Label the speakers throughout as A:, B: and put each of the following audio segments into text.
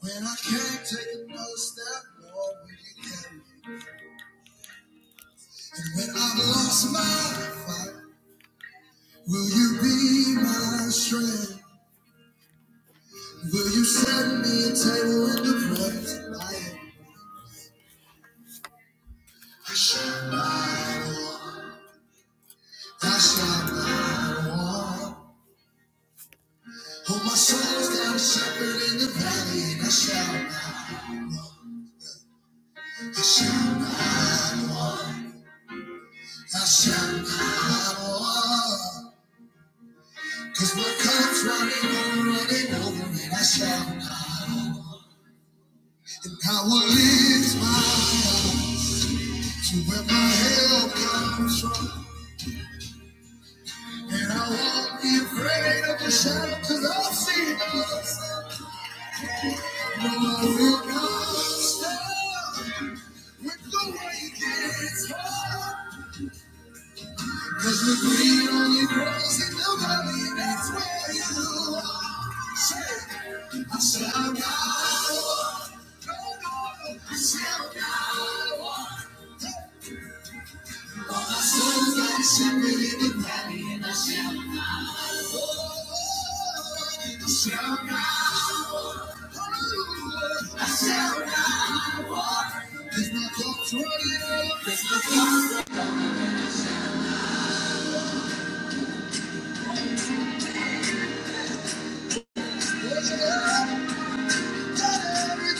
A: When I can't take another step, Lord, will you carry me? And when I've lost my fight, will you be my strength? Will you set me a table in the presence of life? I shall not want, I shall not want. Oh, my soul is down a shepherd in the valley, and I shall not want, I shall not want, I shall not want. Cause my cup's running over, running over, and I shall not. And I will lift my eyes to where my help comes from. And I won't be afraid of the shadow, i I've seen the No, I will not stop when the way gets hard. Cause we believe on your grace and nobody that's where you are. I shall not walk. I shall not walk. All My soul's like a shepherd in the valley and I shall not walk. I shall not walk. I shall not walk. 'Cause my cup's running out. 'Cause my cup's running out. Somebody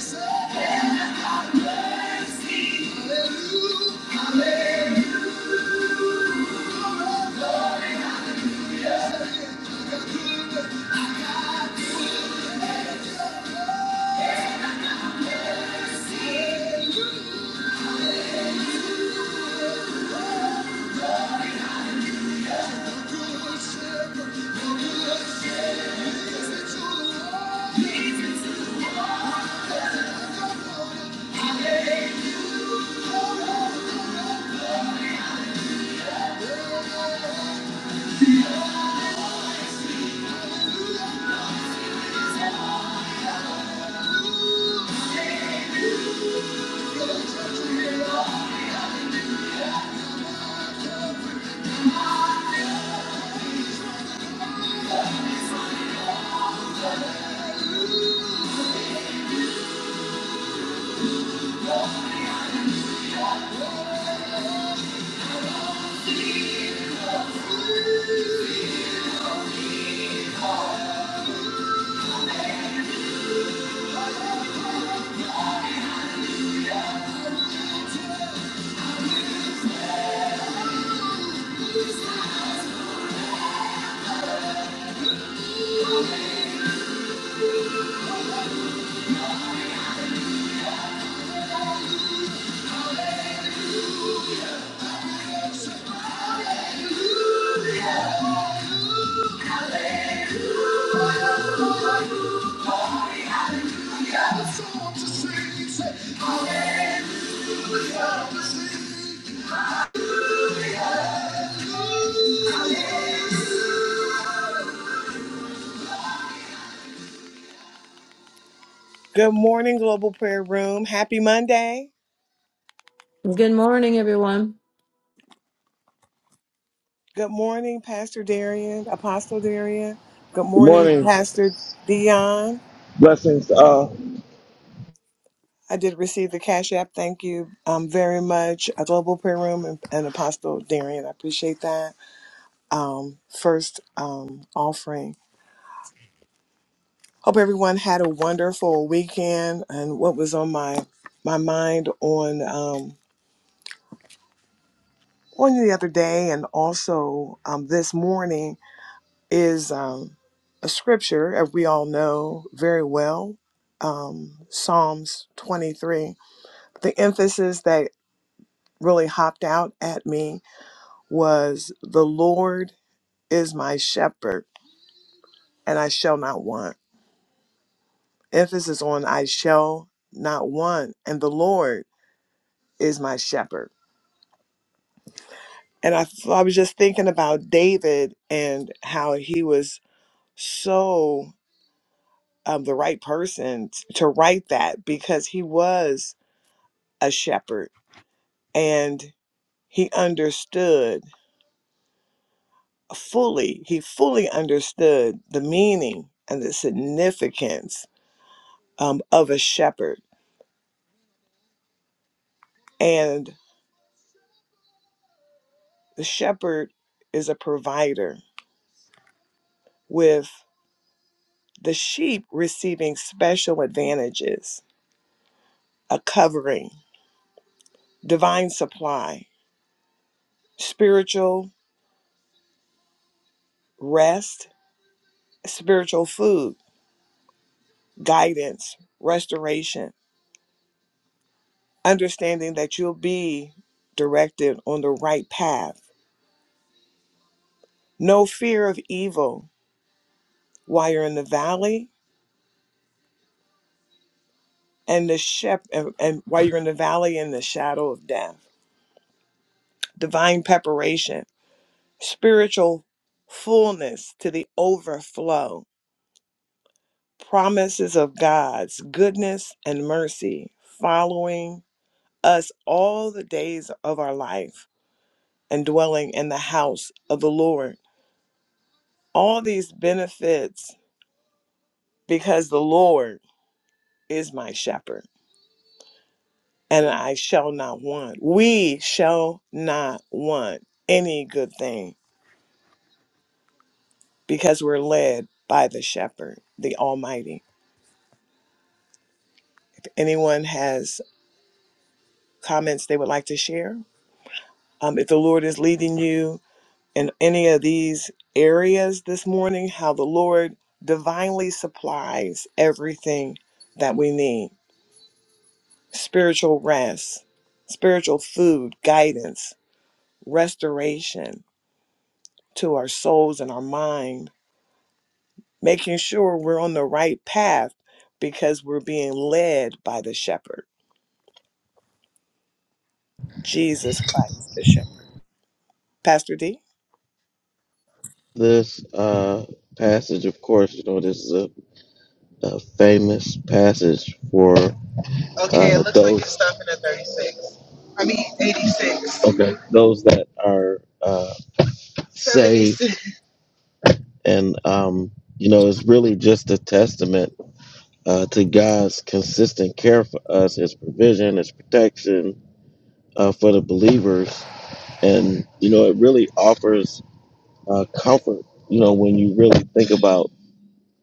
A: say, Hallelujah, Hallelujah. Good morning, Global Prayer Room. Happy Monday.
B: Good morning, everyone.
A: Good morning, Pastor Darian, Apostle Darian. Good
C: Good
A: morning,
C: morning.
A: Pastor Dion.
C: Blessings to
A: I did receive the Cash App. Thank you um, very much, a Global Prayer Room and, and Apostle Darian. I appreciate that. Um, first um, offering. Hope everyone had a wonderful weekend. And what was on my my mind on um, on the other day, and also um, this morning is um, a scripture, as we all know very well, um, Psalms 23. The emphasis that really hopped out at me was the Lord is my shepherd, and I shall not want. Emphasis on I shall not want, and the Lord is my shepherd. And I, I was just thinking about David and how he was so um, the right person t- to write that because he was a shepherd and he understood fully he fully understood the meaning and the significance um, of a shepherd and the shepherd is a provider with the sheep receiving special advantages a covering divine supply spiritual rest spiritual food guidance restoration understanding that you'll be directed on the right path. No fear of evil while you're in the valley and the shep and, and while you're in the valley in the shadow of death. Divine preparation, spiritual fullness to the overflow, promises of God's goodness and mercy following us all the days of our life and dwelling in the house of the Lord. All these benefits because the Lord is my shepherd, and I shall not want. We shall not want any good thing because we're led by the shepherd, the Almighty. If anyone has comments they would like to share, um, if the Lord is leading you in any of these areas this morning, how the Lord divinely supplies everything that we need spiritual rest, spiritual food, guidance, restoration to our souls and our mind, making sure we're on the right path because we're being led by the shepherd, Jesus Christ, the shepherd. Pastor D,
C: This uh, passage, of course, you know, this is a, a famous passage for Okay, it uh, looks like it's those It's stopping at 36. I mean, 86. okay those that are uh, saved, 76. and um, you know, it's really just a testament uh, to God's consistent care for us, His provision, His protection uh, for the believers, and you know, it really offers uh, comfort. You know, when you really think about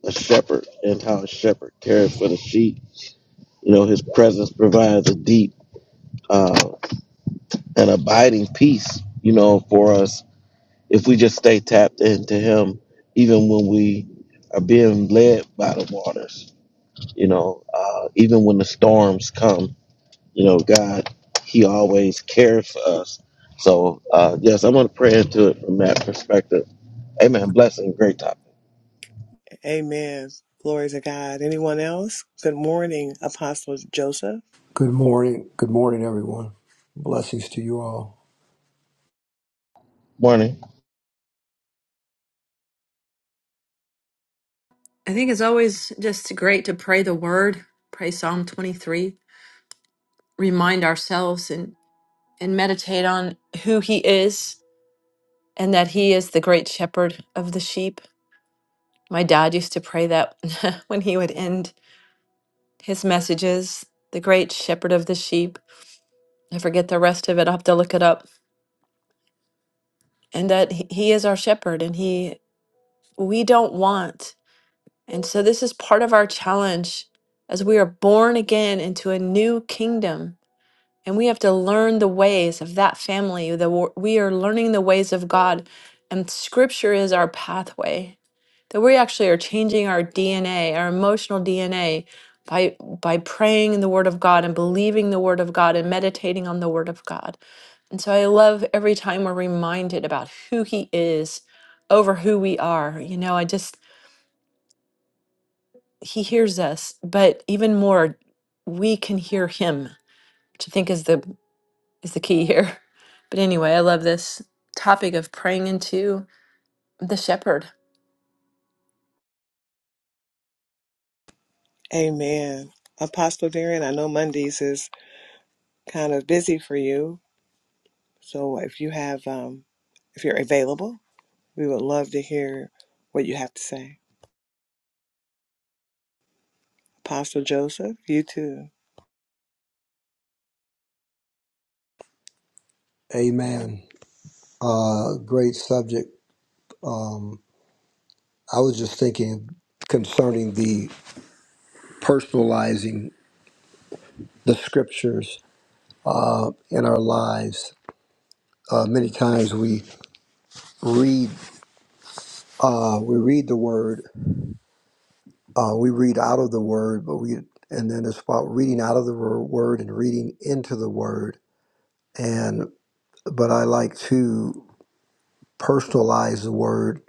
C: a shepherd and how a shepherd cares for the sheep. You know, his presence provides a deep uh, and abiding peace, you know, for us if we just stay tapped into him, even when we are being led by the waters, you know, uh, even when the storms come, you know, God, he always cares for us. So, uh, yes, I'm going to pray into it from that perspective. Amen. Blessing. Great topic.
A: amen. Glory to God. Anyone else? Good morning, Apostle Joseph.
D: Good morning. Good morning, everyone. Blessings to you all.
C: Morning.
B: I think it's always just great to pray the word, pray Psalm 23, remind ourselves and, and meditate on who he is and that he is the great shepherd of the sheep. My dad used to pray that when he would end his messages, the great shepherd of the sheep. I forget the rest of it, I'll have to look it up. And that he he is our shepherd and he we don't want And so this is part of our challenge as we are born again into a new kingdom. And we have to learn the ways of that family. The, wo- we are learning the ways of God, and scripture is our pathway. That we actually are changing our DNA, our emotional DNA, by, by praying in the Word of God and believing the Word of God and meditating on the Word of God. And so I love every time we're reminded about who He is over who we are. You know, I just he hears us, but even more, we can hear him, which I think is the is the key here. But anyway, I love this topic of praying into the shepherd.
A: Amen. Apostle Darren, I know Mondays is kind of busy for you. So if you have, um, if you're available, we would love to hear what you have to say. Apostle Joseph, you too.
D: Amen. Uh, great subject. Um, I was just thinking concerning the personalizing the scriptures uh, in our lives. Uh, many times we read, uh, we read the word, uh, we read out of the word, but we, and then it's about reading out of the wor- word and reading into the word. And but I like to personalize the word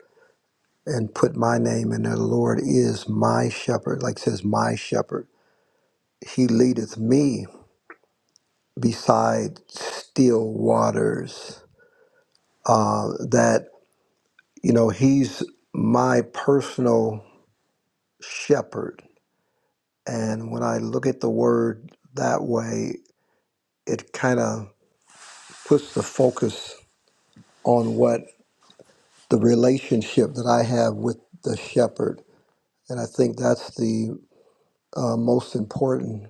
D: and put my name in there. The Lord is my shepherd, like it says, my shepherd. He leadeth me beside still waters. Uh, that, you know, He's my personal shepherd. And when I look at the word that way, it kind of puts the focus on what the relationship that I have with the shepherd. And I think that's the uh, most important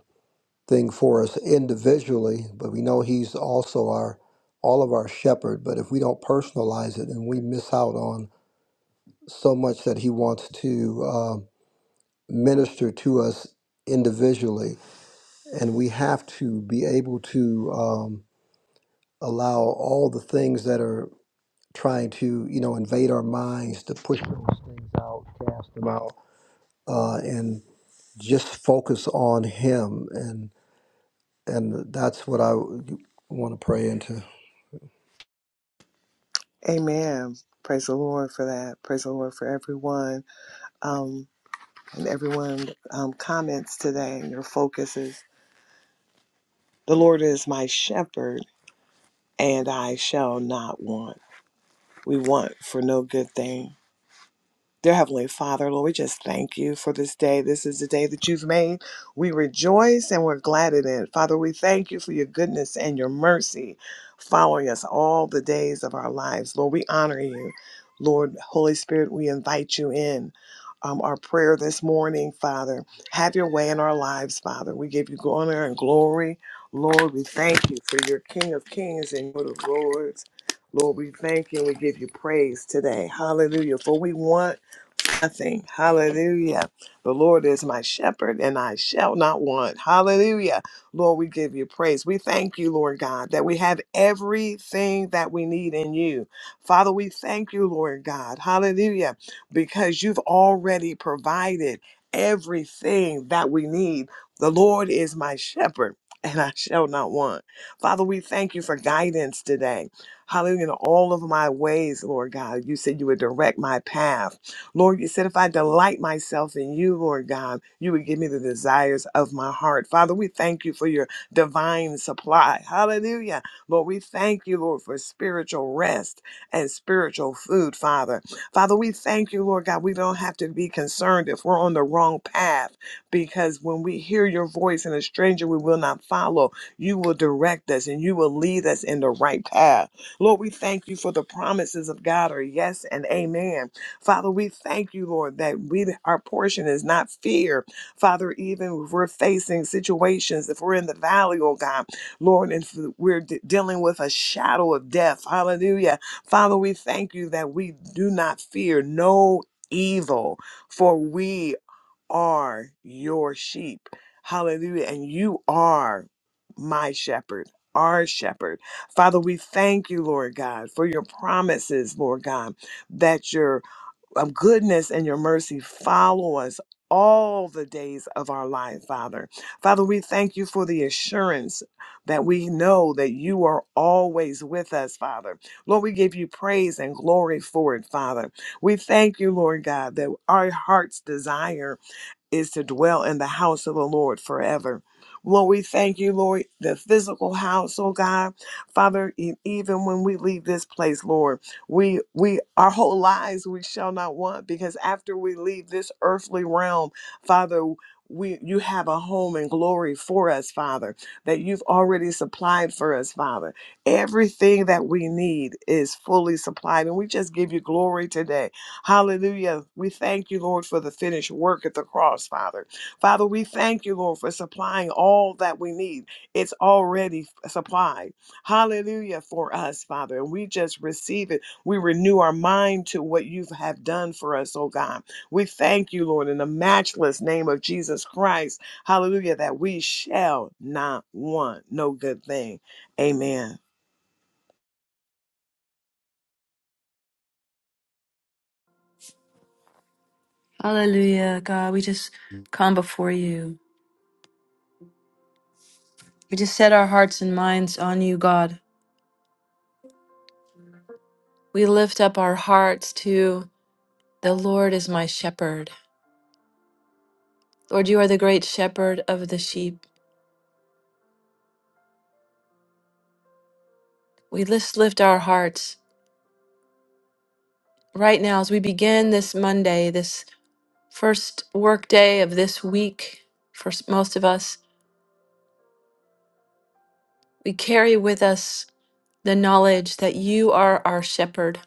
D: thing for us individually, but we know He's also our all of our shepherd. But if we don't personalize it, and we miss out on so much that He wants to um minister to us individually, and we have to be able to um, allow all the things that are trying to you know invade our minds to push those things out, cast them out, uh, and just focus on Him and. And that's what I want to pray into.
A: Amen. Praise the Lord for that. Praise the Lord for everyone um, and everyone um, comments today and your focus is the Lord is my shepherd and I shall not want. We want for no good thing. Dear Heavenly Father, Lord, we just thank you for this day. This is the day that you've made. We rejoice and we're glad in it. Father, we thank you for your goodness and your mercy following us all the days of our lives. Lord, we honor you. Lord, Holy Spirit, we invite you in. Um, our prayer this morning, Father, have your way in our lives, Father. We give you honor and glory. Lord, we thank you for your King of Kings and Lord of Lords. Lord, we thank you and we give you praise today. Hallelujah. For we want nothing. Hallelujah. The Lord is my shepherd and I shall not want. Hallelujah. Lord, we give you praise. We thank you, Lord God, that we have everything that we need in you. Father, we thank you, Lord God. Hallelujah. Because you've already provided everything that we need. The Lord is my shepherd. And I shall not want. Father, we thank you for guidance today. Hallelujah. In all of my ways, Lord God, you said you would direct my path. Lord, you said if I delight myself in you, Lord God, you would give me the desires of my heart. Father, we thank you for your divine supply. Hallelujah. Lord, we thank you, Lord, for spiritual rest and spiritual food, Father. Father, we thank you, Lord God. We don't have to be concerned if we're on the wrong path because when we hear your voice and a stranger we will not follow, you will direct us and you will lead us in the right path. Lord, we thank you for the promises of God are yes and amen. Father, we thank you, Lord, that we our portion is not fear. Father, even if we're facing situations, if we're in the valley, oh God, Lord, and if we're de- dealing with a shadow of death, hallelujah. Father, we thank you that we do not fear no evil, for we are your sheep. Hallelujah. And you are my shepherd. Our shepherd. Father, we thank you, Lord God, for your promises, Lord God, that your um, goodness and your mercy follow us all the days of our life, Father. Father, we thank you for the assurance that we know that you are always with us, Father. Lord, we give you praise and glory for it, Father. We thank you, Lord God, that our heart's desire is to dwell in the house of the Lord forever. Lord, we thank you, Lord, the physical house, oh God. Father, e- even when we leave this place, Lord, we we our whole lives we shall not want because after we leave this earthly realm, Father, we you have a home and glory for us, Father, that you've already supplied for us, Father. Everything that we need is fully supplied. And we just give you glory today. Hallelujah. We thank you, Lord, for the finished work at the cross, Father. Father, we thank you, Lord, for supplying all that we need. It's already supplied. Hallelujah for us, Father. And we just receive it. We renew our mind to what you have done for us, oh God. We thank you, Lord, in the matchless name of Jesus Christ. Hallelujah, that we shall not want no good thing. Amen.
B: Hallelujah, God, we just come before you. We just set our hearts and minds on you, God. We lift up our hearts to the Lord is my shepherd. Lord, you are the great shepherd of the sheep. We just lift our hearts right now as we begin this Monday, this first workday of this week for s- most of us, we carry with us the knowledge that you are our shepherd.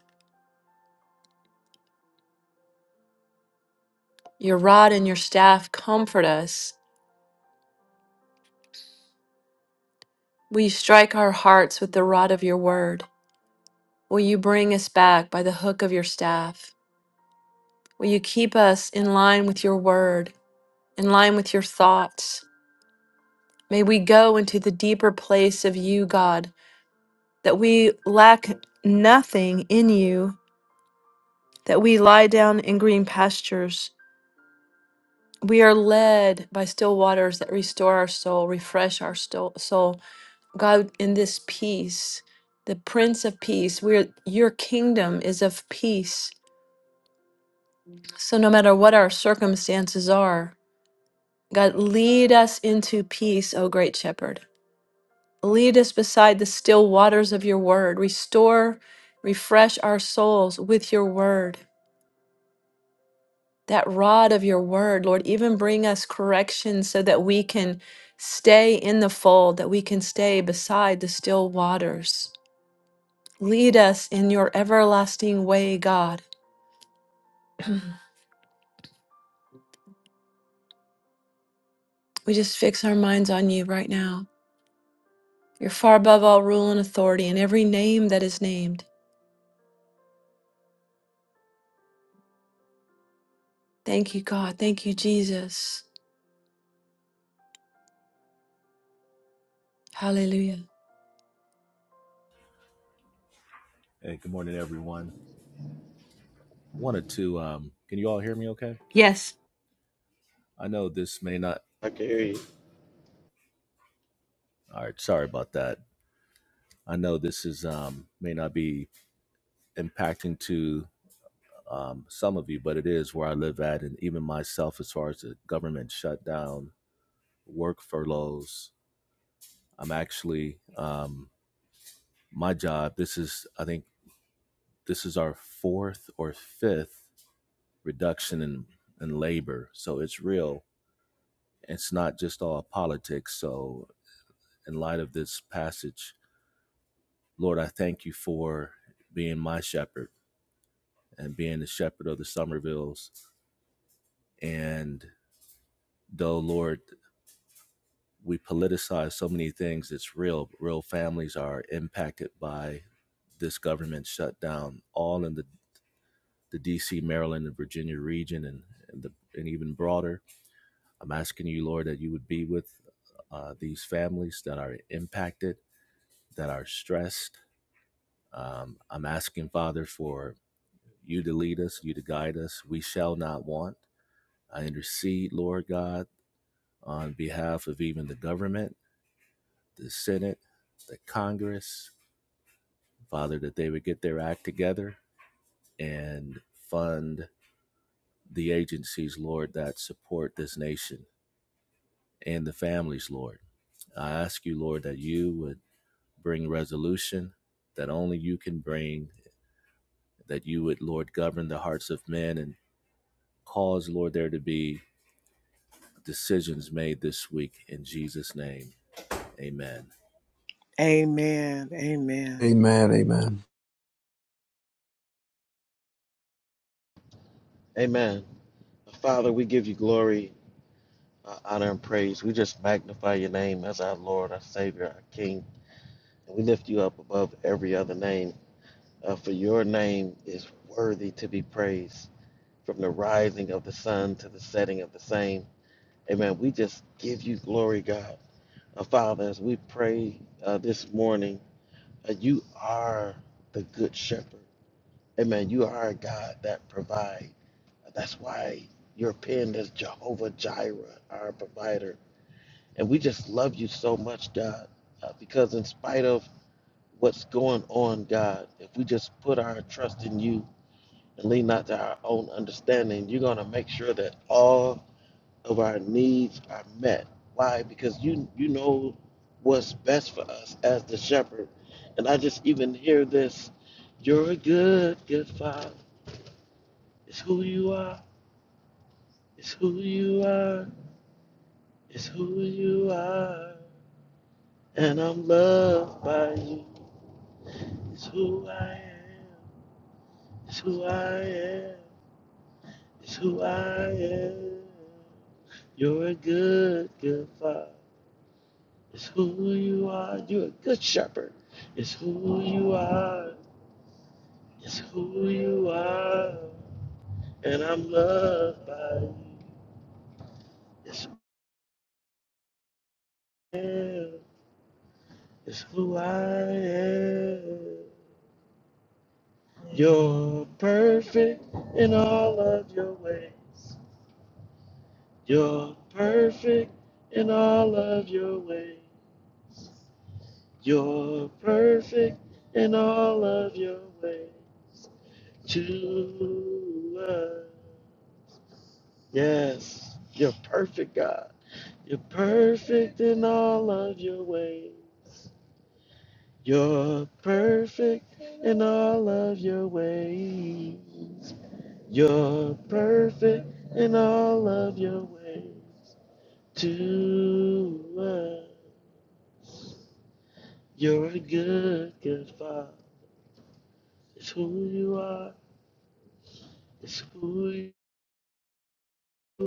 B: Your rod and your staff comfort us. Will you strike our hearts with the rod of your word? Will you bring us back by the hook of your staff? Will you keep us in line with your word, in line with your thoughts? May we go into the deeper place of you, God, that we lack nothing in you, that we lie down in green pastures We are led by still waters that restore our soul, refresh our sto- soul. God, in this peace, the Prince of Peace, we're, your kingdom is of peace. So no matter what our circumstances are, God, lead us into peace, O great shepherd. Lead us beside the still waters of your word. Restore, refresh our souls with your word. that rod of your word, Lord, even bring us correction so that we can stay in the fold, that we can stay beside the still waters. Lead us in your everlasting way, God. We just fix our minds on you right now. You're far above all rule and authority and every name that is named. Thank you, God. Thank you, Jesus. Hallelujah.
E: Hey, good morning, everyone. Wanted to, um, can you all hear me okay?
B: Yes.
E: I know this may not,
C: I can hear you.
E: all right, sorry about that. I know this is, um, may not be impacting to um, some of you, but it is where I live at, and even myself, as far as the government shutdown, work furloughs. I'm actually, um, my job, this is, I think, this is our fourth or fifth reduction in, in labor. So it's real. It's not just all politics. So in light of this passage. Lord, I thank you for being my shepherd and being the shepherd of the Somervilles. And though, Lord, we politicize so many things, it's real. Real families are impacted by this government shutdown, all in the, the DC, Maryland, and Virginia region, and, and, the, and even broader. I'm asking you, Lord, that you would be with uh, these families that are impacted, that are stressed. Um, I'm asking, Father, for you to lead us, you to guide us. We shall not want. I intercede, Lord God, on behalf of even the government, the Senate, the Congress, Father, that they would get their act together and fund the agencies, Lord, that support this nation and the families, Lord. I ask you, Lord, that you would bring resolution that only you can bring, that you would, Lord, govern the hearts of men and cause, Lord, there to be decisions made this week in Jesus' name. Amen.
A: Amen. Amen.
D: Amen. Amen.
C: Amen. Father, we give you glory uh, honor and praise. We just magnify your name as our Lord, our Savior, our King. And we lift you up above every other name, uh, for your name is worthy to be praised from the rising of the sun to the setting of the same. Amen. We just give you glory, God. Uh, Father, as we pray uh, this morning, uh, you are the good shepherd. Amen. You are a God that provides. That's why you're pinned as Jehovah Jireh, our provider. And we just love you so much, God, uh, because in spite of what's going on, God, if we just put our trust in you and lean not to our own understanding, you're going to make sure that all of our needs are met. Why? Because you you know what's best for us as the shepherd. And I just even hear this, you're a good, good father. It's who you are. It's who you are. It's who you are. And I'm loved by you. It's who I am. It's who I am. It's who I am. You're a good, good father. It's who you are. You're a good shepherd. It's who you are. It's who you are. And I'm loved by you. It's who I am. It's who I am. You're perfect in all of your ways. You're perfect in all of your ways. You're perfect in all of your ways to us. Yes, you're perfect, God. You're perfect in all of your ways. You're perfect in all of your ways. You're perfect in all of your ways to us. You're a good, good father. It's who you are. It's who you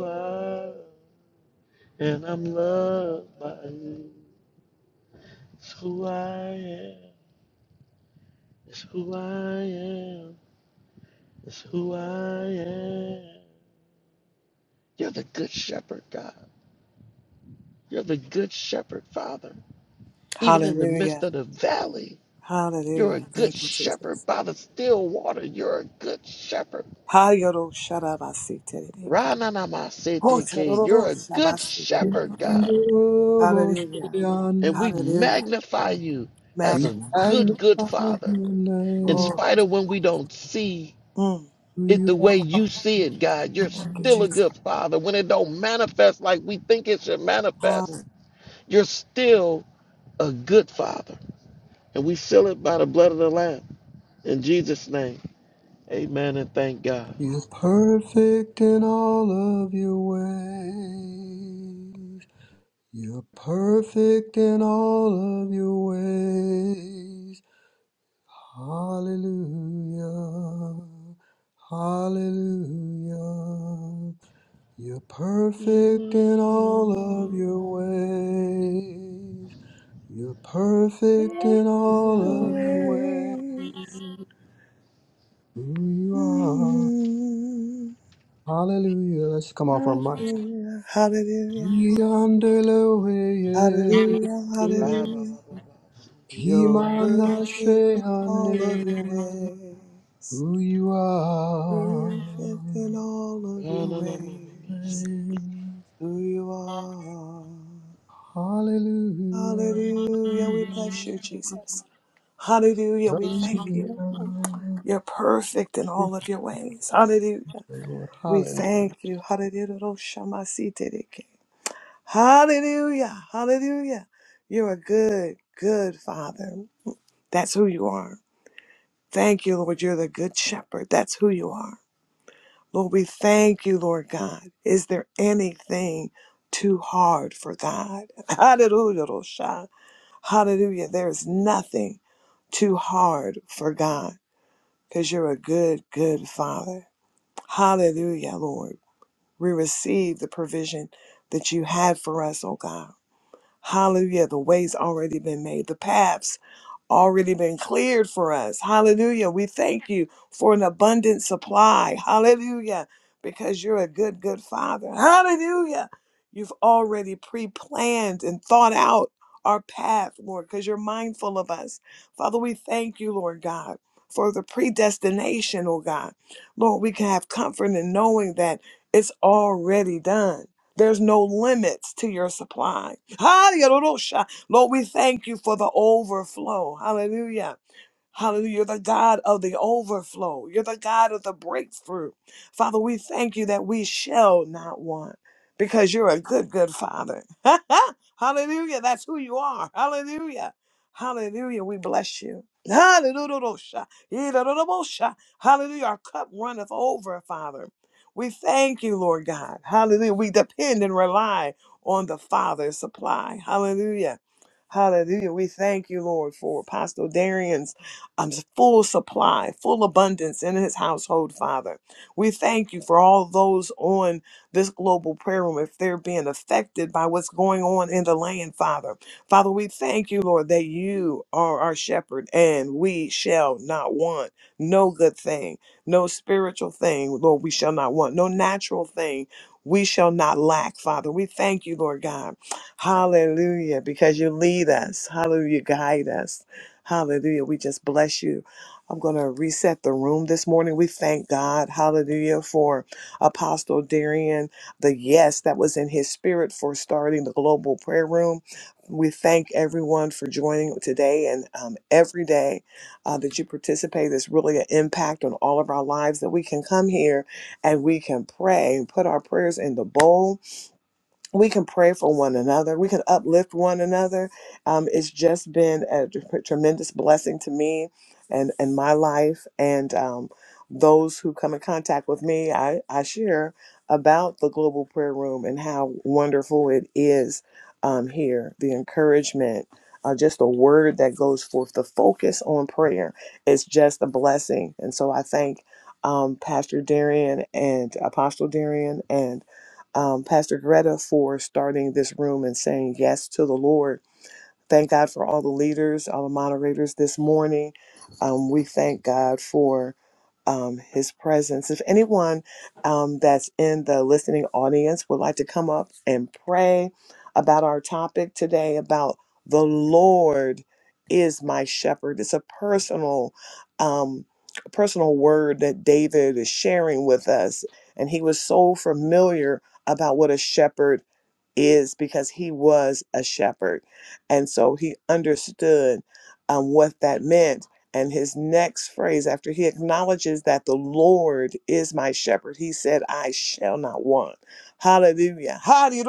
C: are. And I'm loved by you. It's who I am. It's who I am. It's who I am. You're the good shepherd, God. You're the good shepherd, Father. Even in the
A: Hallelujah.
C: midst of the valley, you're a
A: Hallelujah.
C: good
A: Thank you,
C: shepherd.
A: Jesus.
C: By the still water, you're a good shepherd.
A: Hayoro sharabasi terebeki.
C: Rananamasete ke.
A: Hotororo
C: You're a good
A: shabasi
C: shepherd,
A: terebeki.
C: God.
A: Hallelujah.
C: And we
A: Hallelujah.
C: magnify you as
D: We
C: a
A: Magnify you.
C: good, good
D: magnify
C: father.
D: your
C: In
D: name.
A: Oh,
C: spite of when we don't see
A: mm.
C: it the way you see it, God, you're
A: thank you,
C: still a
A: Jesus.
C: good father. When it don't manifest like we think it should manifest, you're still a good father. And we seal it by the blood of the Lamb. In Jesus' name, amen and thank God.
D: You are perfect in all of your ways. You're perfect in all of your ways. Hallelujah. Hallelujah. You're perfect in all of your ways. You're perfect in all of your ways.
A: Always.
D: Who you are.
A: Mm.
D: Hallelujah. Let's come off our mics.
A: Hallelujah. Hallelujah.
D: Yandere
A: Hallelujah. Hallelujah. You're
D: Kimana
A: perfect in all of your
D: Shehane.
A: ways.
D: Who you are.
A: Perfect in all of your ways. who you are.
D: Hallelujah.
A: Hallelujah. We bless you, Jesus. Hallelujah. We thank you.
D: Hallelujah.
A: You're perfect in all of your ways. Hallelujah.
D: The Lord.
A: We
D: Hallelujah.
A: thank you. Hallelujah. Roshamasitereke. Hallelujah. Hallelujah. You're a good, good father. That's who you are. Thank you, Lord. You're the good shepherd. That's who you are. Lord, we thank you, Lord God. Is there anything too hard for God? Hallelujah. Rosha. Hallelujah. There is nothing too hard for God because you're a good, good Father. Hallelujah, Lord. We receive the provision that you had for us, oh God. Hallelujah. The way's already been made. The paths already been cleared for us. Hallelujah. We thank you for an abundant supply. Hallelujah. Because you're a good, good father. Hallelujah. You've already pre planned and thought out our path, Lord, because you're mindful of us. Father, we thank you, Lord God, for the predestination, oh God. Lord, we can have comfort in knowing that it's already done. There's no limits to your supply. Hallelujah. Lord, we thank you for the overflow. Hallelujah. Hallelujah. You're the God of the overflow. You're the God of the breakthrough. Father, we thank you that we shall not want because you're a good, good Father. Hallelujah. That's who you are. Hallelujah. Hallelujah. We bless you. Hallelujah. Hallelujah. Our cup runneth over, Father. We thank you, Lord God. Hallelujah. We depend and rely on the Father's supply. Hallelujah. Hallelujah. We thank you, Lord, for Apostle Darian's um, full supply, full abundance in his household, Father. We thank you for all those on this global prayer room, if they're being affected by what's going on in the land, Father. Father, we thank you, Lord, that you are our shepherd and we shall not want no good thing, no spiritual thing, Lord, we shall not want, no natural thing. We shall not lack, Father. We thank you, Lord God. Hallelujah, because you lead us. Hallelujah, guide us. Hallelujah. We just bless you. I'm going to reset the room this morning. We thank God. Hallelujah for Apostle Darian, the yes that was in his spirit for starting the global prayer room. We thank everyone for joining today and um, every day uh, that you participate. There's really an impact on all of our lives that we can come here and we can pray and put our prayers in the bowl we can pray for one another. We can uplift one another. Um, it's just been a tr- tremendous blessing to me and, and my life. And um, those who come in contact with me, I, I share about the Global Prayer Room and how wonderful it is um, here. The encouragement, uh, just the word that goes forth, the focus on prayer is just a blessing. And so I thank um, Pastor Darian and Apostle Darian and um, Pastor Greta for starting this room and saying yes to the Lord Thank God for all the leaders, all the moderators this morning. Um, we thank God for um, his presence. If anyone um, that's in the listening audience would like to come up and pray about our topic today, about the Lord is my shepherd, it's a personal. Um, personal word that David is sharing with us and he was so familiar about what a shepherd is because he was a shepherd and so he understood um, what that meant. And his next phrase, after he acknowledges that the Lord is my shepherd, he said, I shall not want. Hallelujah. Hallelujah.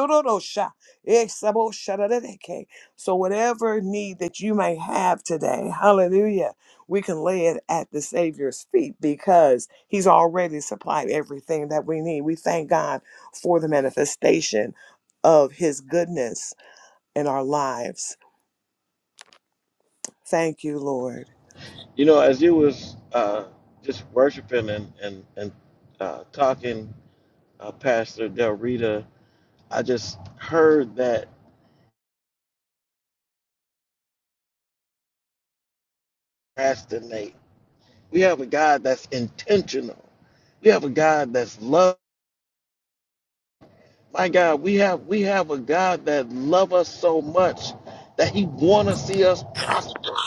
A: So, whatever need that you may have today, hallelujah, we can lay it at the Savior's feet because he's already supplied everything that we need. We thank God for the manifestation of his goodness in our lives. Thank you, Lord.
C: You know, as you was uh, just worshiping and and and uh, talking, uh, Pastor Del Rita, I just heard that procrastinate. We have a God that's intentional. We have a God that's love. My God, we have we have a God that love us so much that He want to see us prosper.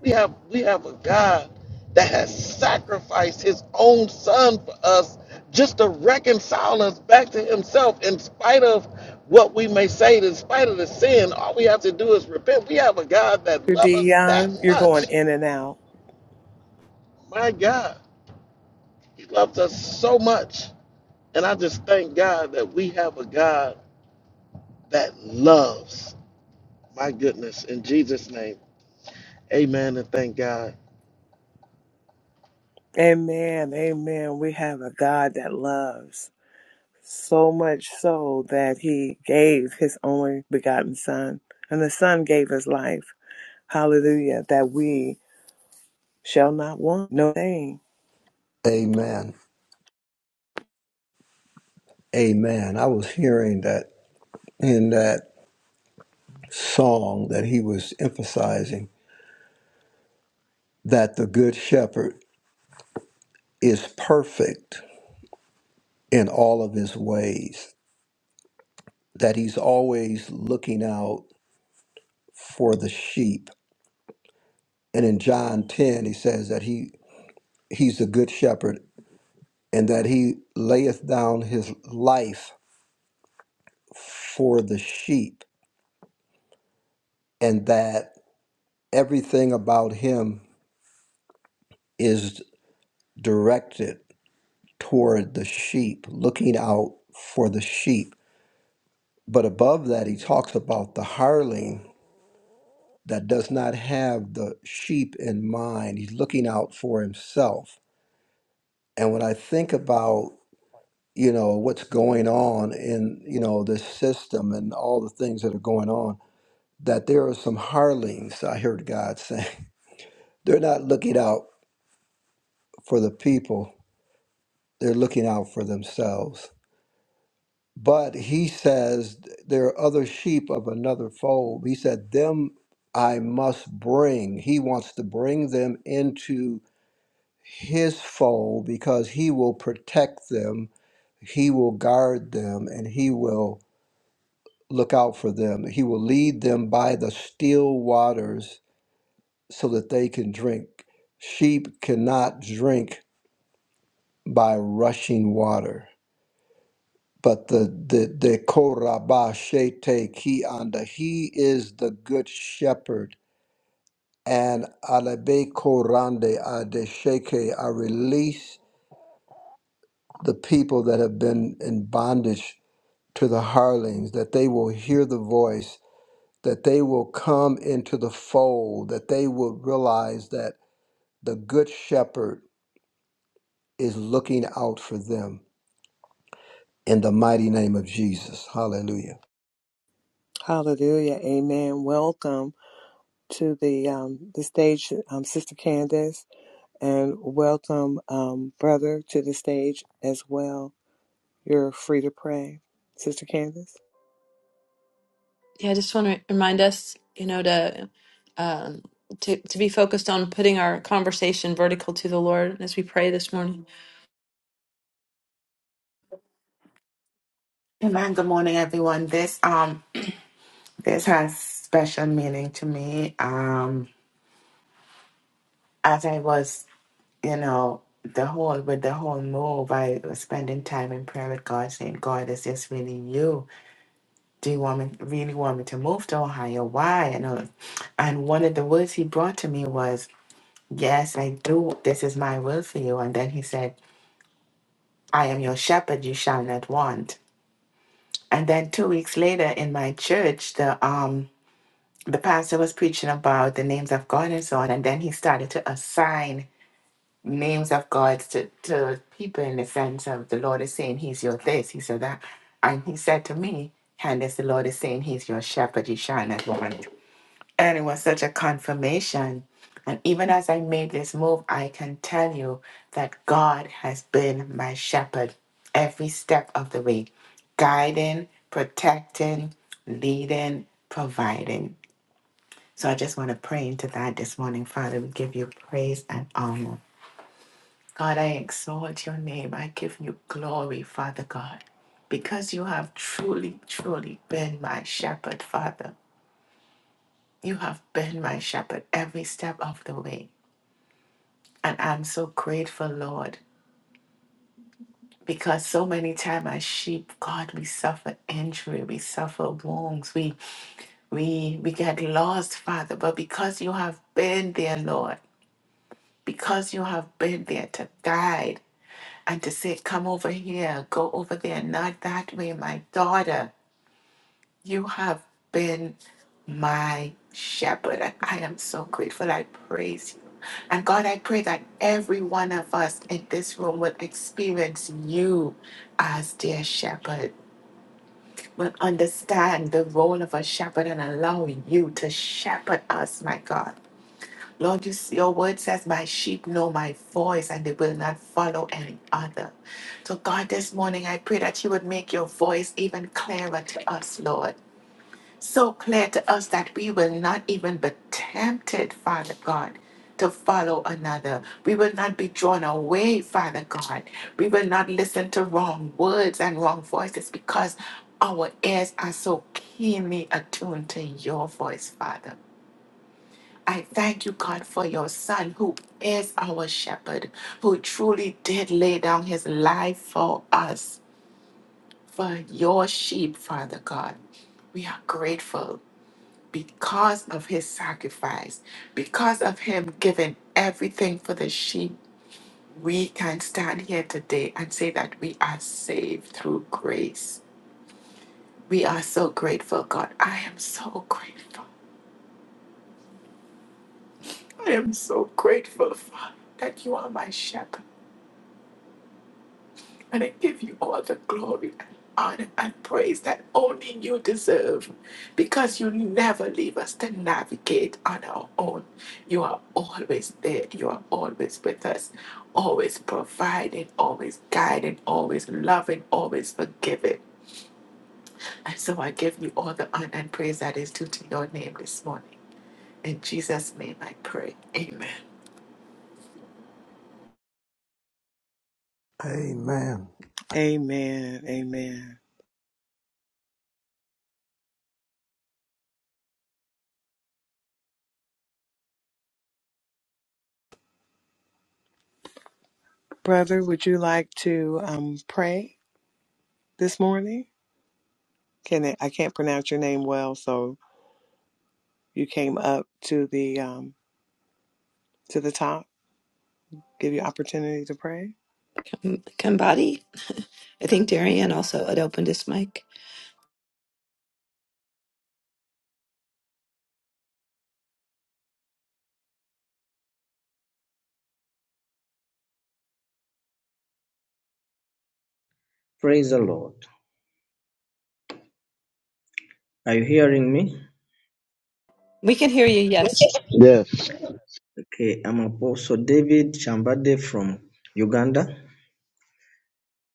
C: We have we have a God that has sacrificed his own son for us just to reconcile us back to himself in spite of what we may say, in spite of the sin, all we have to do is repent. We have a God that
A: Your
C: loves us that
A: Dion, you're going
C: much.
A: in and out.
C: My God, he loves us so much. And I just thank God that we have a God that loves. My goodness, in Jesus' name, amen and thank God.
A: Amen. Amen. We have a God that loves so much so that he gave his only begotten son and the son gave his life. Hallelujah. That we shall not want no thing.
D: Amen. Amen. I was hearing that in that. song that he was emphasizing that the good shepherd is perfect in all of his ways, that he's always looking out for the sheep. And in John 10, he says that he, he's the good shepherd and that he layeth down his life for the sheep, and that everything about him is directed toward the sheep, looking out for the sheep But above that, he talks about the hireling that does not have the sheep in mind. He's looking out for himself. And when I think about, you know, what's going on in, you know, this system and all the things that are going on, that there are some hirelings, I heard God saying. They're not looking out for the people, they're looking out for themselves. But he says there are other sheep of another fold. He said, Them I must bring. He wants to bring them into his fold because he will protect them, he will guard them, and he will look out for them. He will lead them by the still waters so that they can drink. Sheep cannot drink by rushing water. But the the the korabashete ki anda. He is the good shepherd, and alebe korande adesheke. I release the people that have been in bondage to the harlings, that they will hear the voice, that they will come into the fold, that they will realize that the good shepherd is looking out for them. In the mighty name of Jesus, Hallelujah.
A: Hallelujah. Amen. Welcome to the um the stage um Sister Candace and welcome um brother to the stage as well. You're free to pray. Sister Candace?
B: Yeah, I just want to remind us, you know, to um, to to be focused on putting our conversation vertical to the Lord as we pray this morning.
F: Hey man, good morning everyone. This um this has special meaning to me. Um as I was, you know, the whole with the whole move, I was spending time in prayer with God saying, God, is this really you? Do you want me really want me to move to Ohio? Why? And all- and one of the words he brought to me was, Yes, I do. This is my will for you. And then he said, I am your shepherd, you shall not want. And then two weeks later in my church, the um the pastor was preaching about the names of God and so on, and then he started to assign names of God to, to people in the sense of the Lord is saying he's your this, He's your that. And he said to me, Candace, the Lord is saying he's your shepherd, you shall not want. And it was such a confirmation. And even as I made this move, I can tell you that God has been my shepherd every step of the way, guiding, protecting, leading, providing. So I just want to pray into that this morning. Father, we give you praise and honor. God, I exalt your name. I give you glory, Father God, because you have truly, truly been my shepherd, Father. You have been my shepherd every step of the way. And I'm so grateful, Lord, because so many times as sheep, God, we suffer injury, we suffer wounds, we we we get lost, Father. But because you have been there, Lord. because you have been there to guide and to say, Come over here, go over there, not that way, my daughter. You have been my shepherd, and I am so grateful. I praise you. And God, I pray that every one of us in this room will experience you as their shepherd, will understand the role of a shepherd and allow you to shepherd us, my God. Lord, you, your word says, My sheep know my voice and they will not follow any other. So, God, this morning I pray that you would make your voice even clearer to us, Lord. So clear to us that we will not even be tempted, Father God, to follow another. We will not be drawn away, Father God. We will not listen to wrong words and wrong voices because our ears are so keenly attuned to your voice, Father. I thank you, God, for your son who is our shepherd, who truly did lay down his life for us, for your sheep, Father God. We are grateful because of his sacrifice, because of him giving everything for the sheep. We can stand here today and say that we are saved through grace. We are so grateful, God. I am so grateful. I am so grateful, Father, that you are my shepherd And I give you all the glory and honor and praise that only you deserve because you never leave us to navigate on our own. You are always there. You are always with us, always providing, always guiding, always loving, always forgiving. And so I give you all the honor and praise that is due to your name this morning. In Jesus' name I pray. Amen.
D: Amen.
A: Amen. Amen. Brother, would you like to um, pray this morning? Can I, I can't pronounce your name well, so you came up to the um, to the top. Give you opportunity to pray.
B: M- Kambadi, I think Darian also had opened his mic.
G: Praise the Lord. Are you hearing me?
B: We can hear you. Yes,
C: Yes,
G: Okay, I'm Apostle David Chambade from Uganda,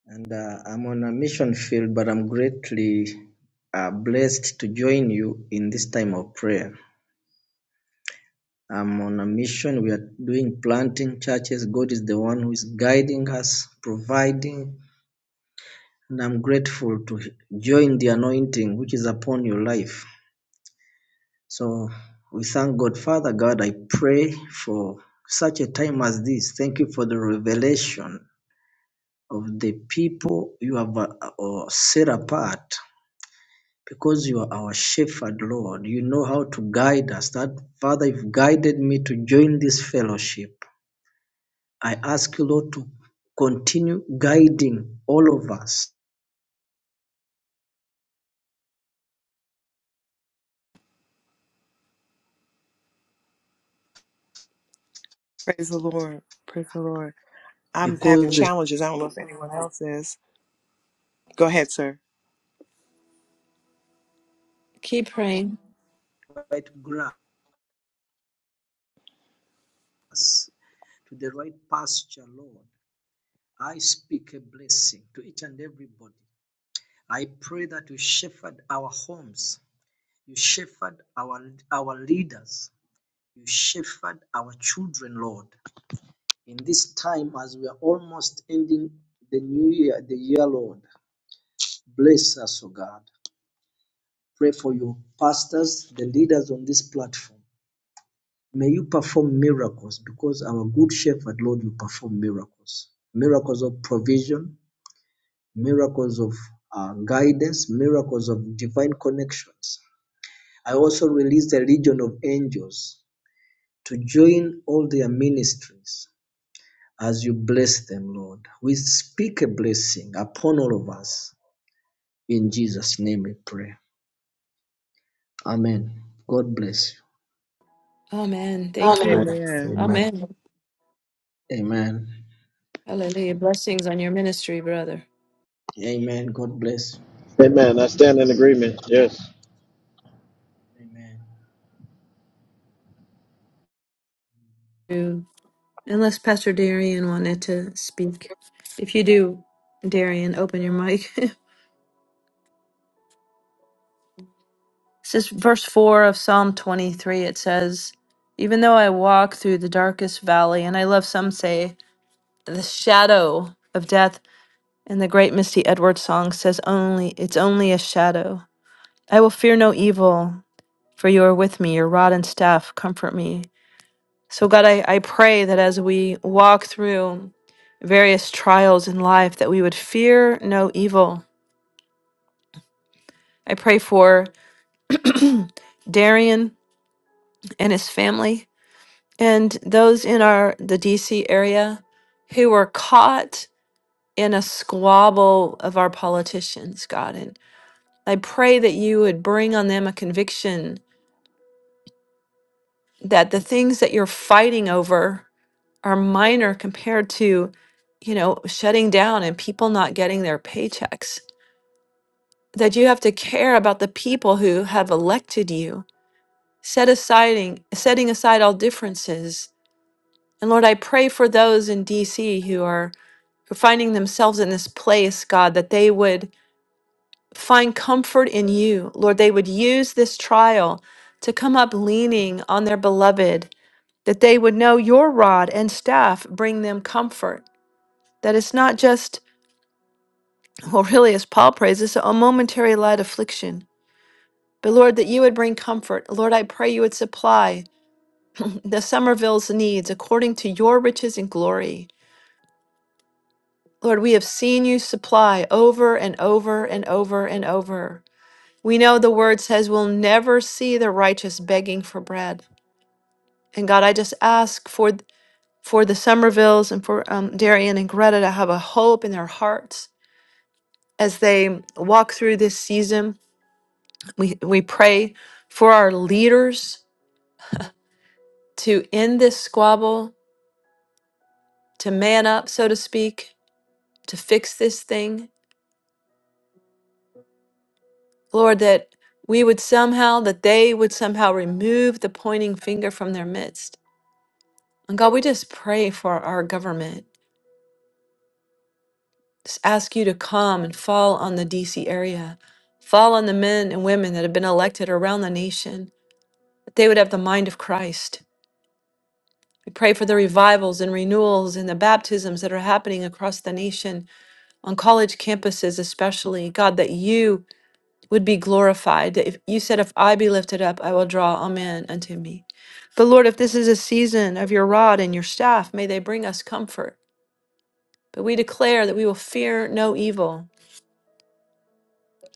G: and uh, I'm on a mission field, but I'm greatly uh, blessed to join you in this time of prayer. I'm on a mission. We are doing planting churches. God is the one who is guiding us, providing, and I'm grateful to join the anointing which is upon your life. So we thank God. Father God, I pray for such a time as this. Thank you for the revelation of the people you have uh, uh, set apart because you are our shepherd, Lord. You know how to guide us. That, Father, you've guided me to join this fellowship. I ask you, Lord, to continue guiding all of us
A: Praise the Lord. Praise the Lord. I'm having
G: because the
A: challenges. I don't know if anyone else is. Go ahead, sir.
B: keep praying.
G: grass to the right pasture, Lord. I speak a blessing to each and everybody. I pray that you shepherd our homes, you shepherd our, our leaders, you shepherd our children, Lord. In this time, as we are almost ending the new year, the year, Lord, bless us, O God. Pray for your pastors, the leaders on this platform. May you perform miracles because our good shepherd, Lord, you perform miracles. Miracles of provision, miracles of uh, guidance, miracles of divine connections I also release the legion of angels to join all their ministries as you bless them, Lord. We speak a blessing upon all of us. In Jesus' name we pray. Amen. God bless
B: Amen. Thank
D: Amen.
B: you.
A: Amen.
D: Amen.
B: Amen.
G: you. Amen.
B: Hallelujah. Blessings on your ministry, brother.
G: Amen. God bless
C: amen. I stand in agreement. Yes.
G: you. Amen.
B: You- Unless Pastor Darian wanted to speak, if you do, Darian, open your mic. This is verse 4 of Psalm 23. It says, Even though I walk through the darkest valley, and I love some say the shadow of death, and the great Misty Edwards song says only, it's only a shadow. I will fear no evil, for you are with me, your rod and staff comfort me. So, God, I, I pray that as we walk through various trials in life, that we would fear no evil. I pray for Darian and his family. and those in our the DC area who were caught in a squabble of our politicians, God, and I pray that you would bring on them a conviction that the things that you're fighting over are minor compared to, you know, shutting down and people not getting their paychecks. That you have to care about the people who have elected you, set aside, setting aside all differences. And Lord, I pray for those in DC who are. finding themselves in this place, God, that they would find comfort in you. Lord, they would use this trial to come up leaning on their beloved, that they would know your rod and staff bring them comfort, that it's not just, well, really, as Paul prays, it's a momentary light affliction. But Lord, that you would bring comfort. Lord, I pray you would supply the Somerville's needs according to your riches and glory. Lord, we have seen you supply over and over and over and over We know the word says we'll never see the righteous begging for bread. And God, I just ask for for the Somervilles and for um, Darian and Greta to have a hope in their hearts as they walk through this season. We we pray for our leaders to end this squabble, to man up, so to speak, to fix this thing, Lord. That we would somehow that they would somehow remove the pointing finger from their midst. And God, we just pray for our government. Just ask you to come and fall on the DC area, fall on the men and women that have been elected around the nation, that they would have the mind of Christ. We pray for the revivals and renewals and the baptisms that are happening across the nation, on college campuses especially. God, that you would be glorified. That if you said, If I be lifted up, I will draw all men unto me. But Lord, if this is a season of your rod and your staff, may they bring us comfort. But we declare that we will fear no evil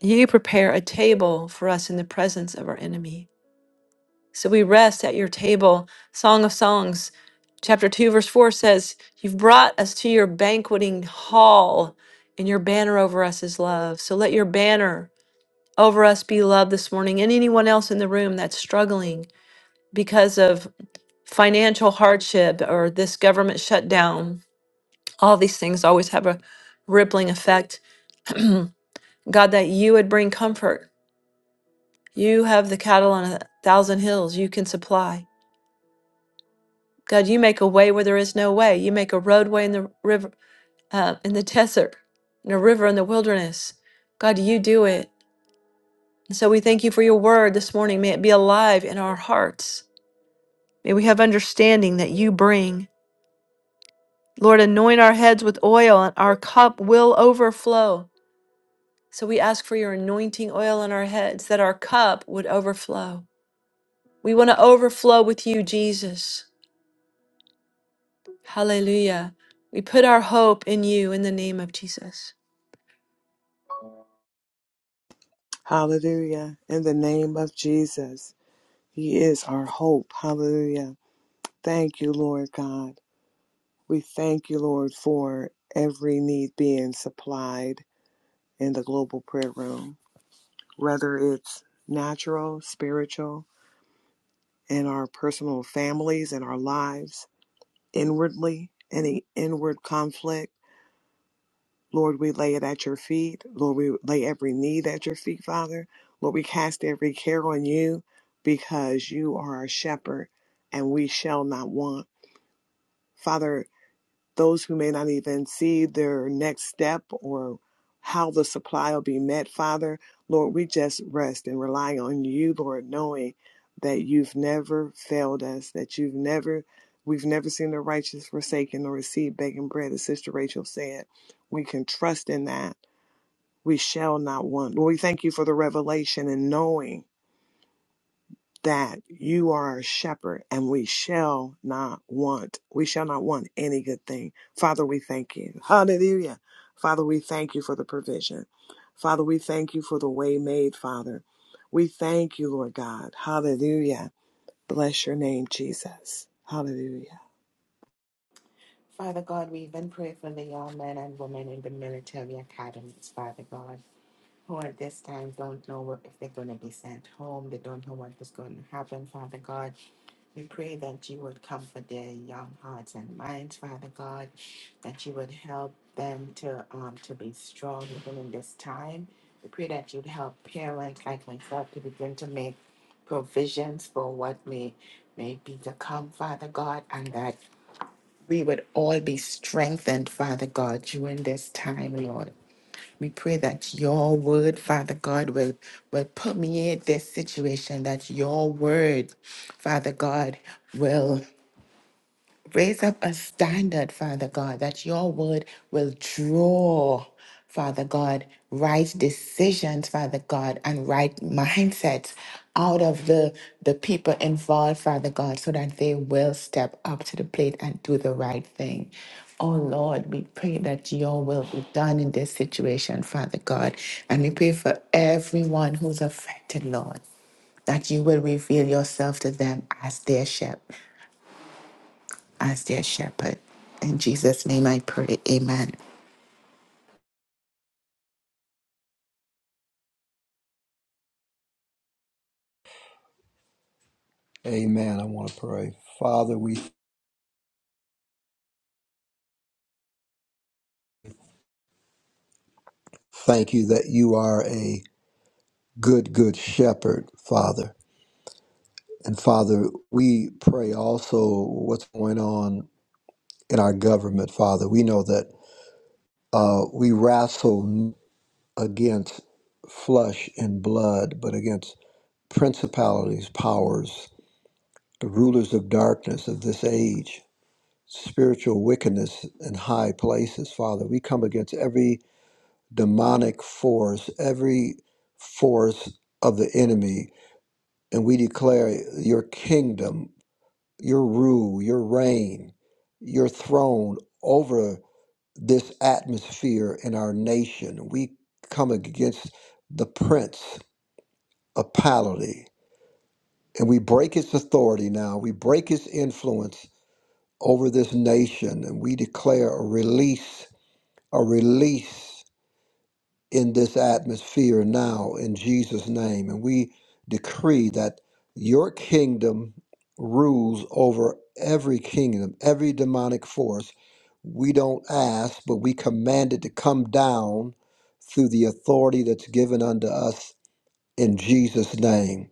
B: You prepare a table for us in the presence of our enemy. So we rest at your table. Song of Songs, chapter 2, verse 4 says, You've brought us to your banqueting hall, and your banner over us is love. So let your banner over us be love this morning. And anyone else in the room that's struggling because of financial hardship or this government shutdown, all these things always have a rippling effect. God, that you would bring comfort You have the cattle on a thousand hills. You can supply. God, you make a way where there is no way. You make a roadway in the river, uh, in the desert, and a river in the wilderness. God, you do it. And so we thank you for your word this morning. May it be alive in our hearts. May we have understanding that you bring. Lord, anoint our heads with oil, and our cup will overflow. So we ask for your anointing oil on our heads, that our cup would overflow. We want to overflow with you, Jesus. Hallelujah. We put our hope in you in the name of Jesus.
A: Hallelujah. In the name of Jesus, He is our hope. Hallelujah. Thank you, Lord God. We thank you, Lord, for every need being supplied in the global prayer room, whether it's natural, spiritual, in our personal families and our lives, inwardly, any inward conflict. Lord, we lay it at your feet. Lord, we lay every need at your feet, Father. Lord, we cast every care on you because you are our shepherd and we shall not want. Father, those who may not even see their next step or how the supply will be met, Father. Lord, we just rest and rely on you, Lord, knowing that you've never failed us, that you've never, we've never seen the righteous forsaken or received begging bread, as Sister Rachel said. We can trust in that. We shall not want. Lord, we thank you for the revelation and knowing that you are our shepherd and we shall not want. We shall not want any good thing. Father, we thank you. Hallelujah. Father, we thank you for the provision. Father, we thank you for the way made, Father. We thank you, Lord God. Hallelujah. Bless your name, Jesus. Hallelujah.
F: Father God, we even pray for the young men and women in the military academies, Father God, who at this time don't know what- if they're going to be sent home. They don't know what is going to happen, Father God. We pray that you would comfort their young hearts and minds, Father God, that you would help them to um, to be strong even in this time. We pray that you'd help parents like myself to begin to make provisions for what may may be to come, Father God, and that we would all be strengthened, Father God, during this time, Lord. We pray that your word, Father God, will, will permeate this situation, that your word, Father God, will Raise up a standard, Father God, that your word will draw, Father God, right decisions, Father God, and right mindsets out of the, the people involved, Father God, so that they will step up to the plate and do the right thing. Oh Lord, we pray that your will be done in this situation, Father God. And we pray for everyone who's affected, Lord that you will reveal yourself to them as their shepherd as their shepherd. In Jesus' name I pray. Amen.
D: Amen. I want to pray. Father, we thank you that you are a good, good shepherd, Father. And Father, we pray also what's going on in our government, Father. We know that uh, we wrestle against flesh and blood, but against principalities, powers, the rulers of darkness of this age, spiritual wickedness in high places, Father. We come against every demonic force, every force of the enemy. And we declare your kingdom, your rule, your reign, your throne over this atmosphere in our nation. We come against the prince of pality and we break his authority now. We break his influence over this nation and we declare a release, a release. in this atmosphere now in Jesus' name. And we decree that your kingdom rules over every kingdom, every demonic force. We don't ask, but we command it to come down through the authority that's given unto us in Jesus' name.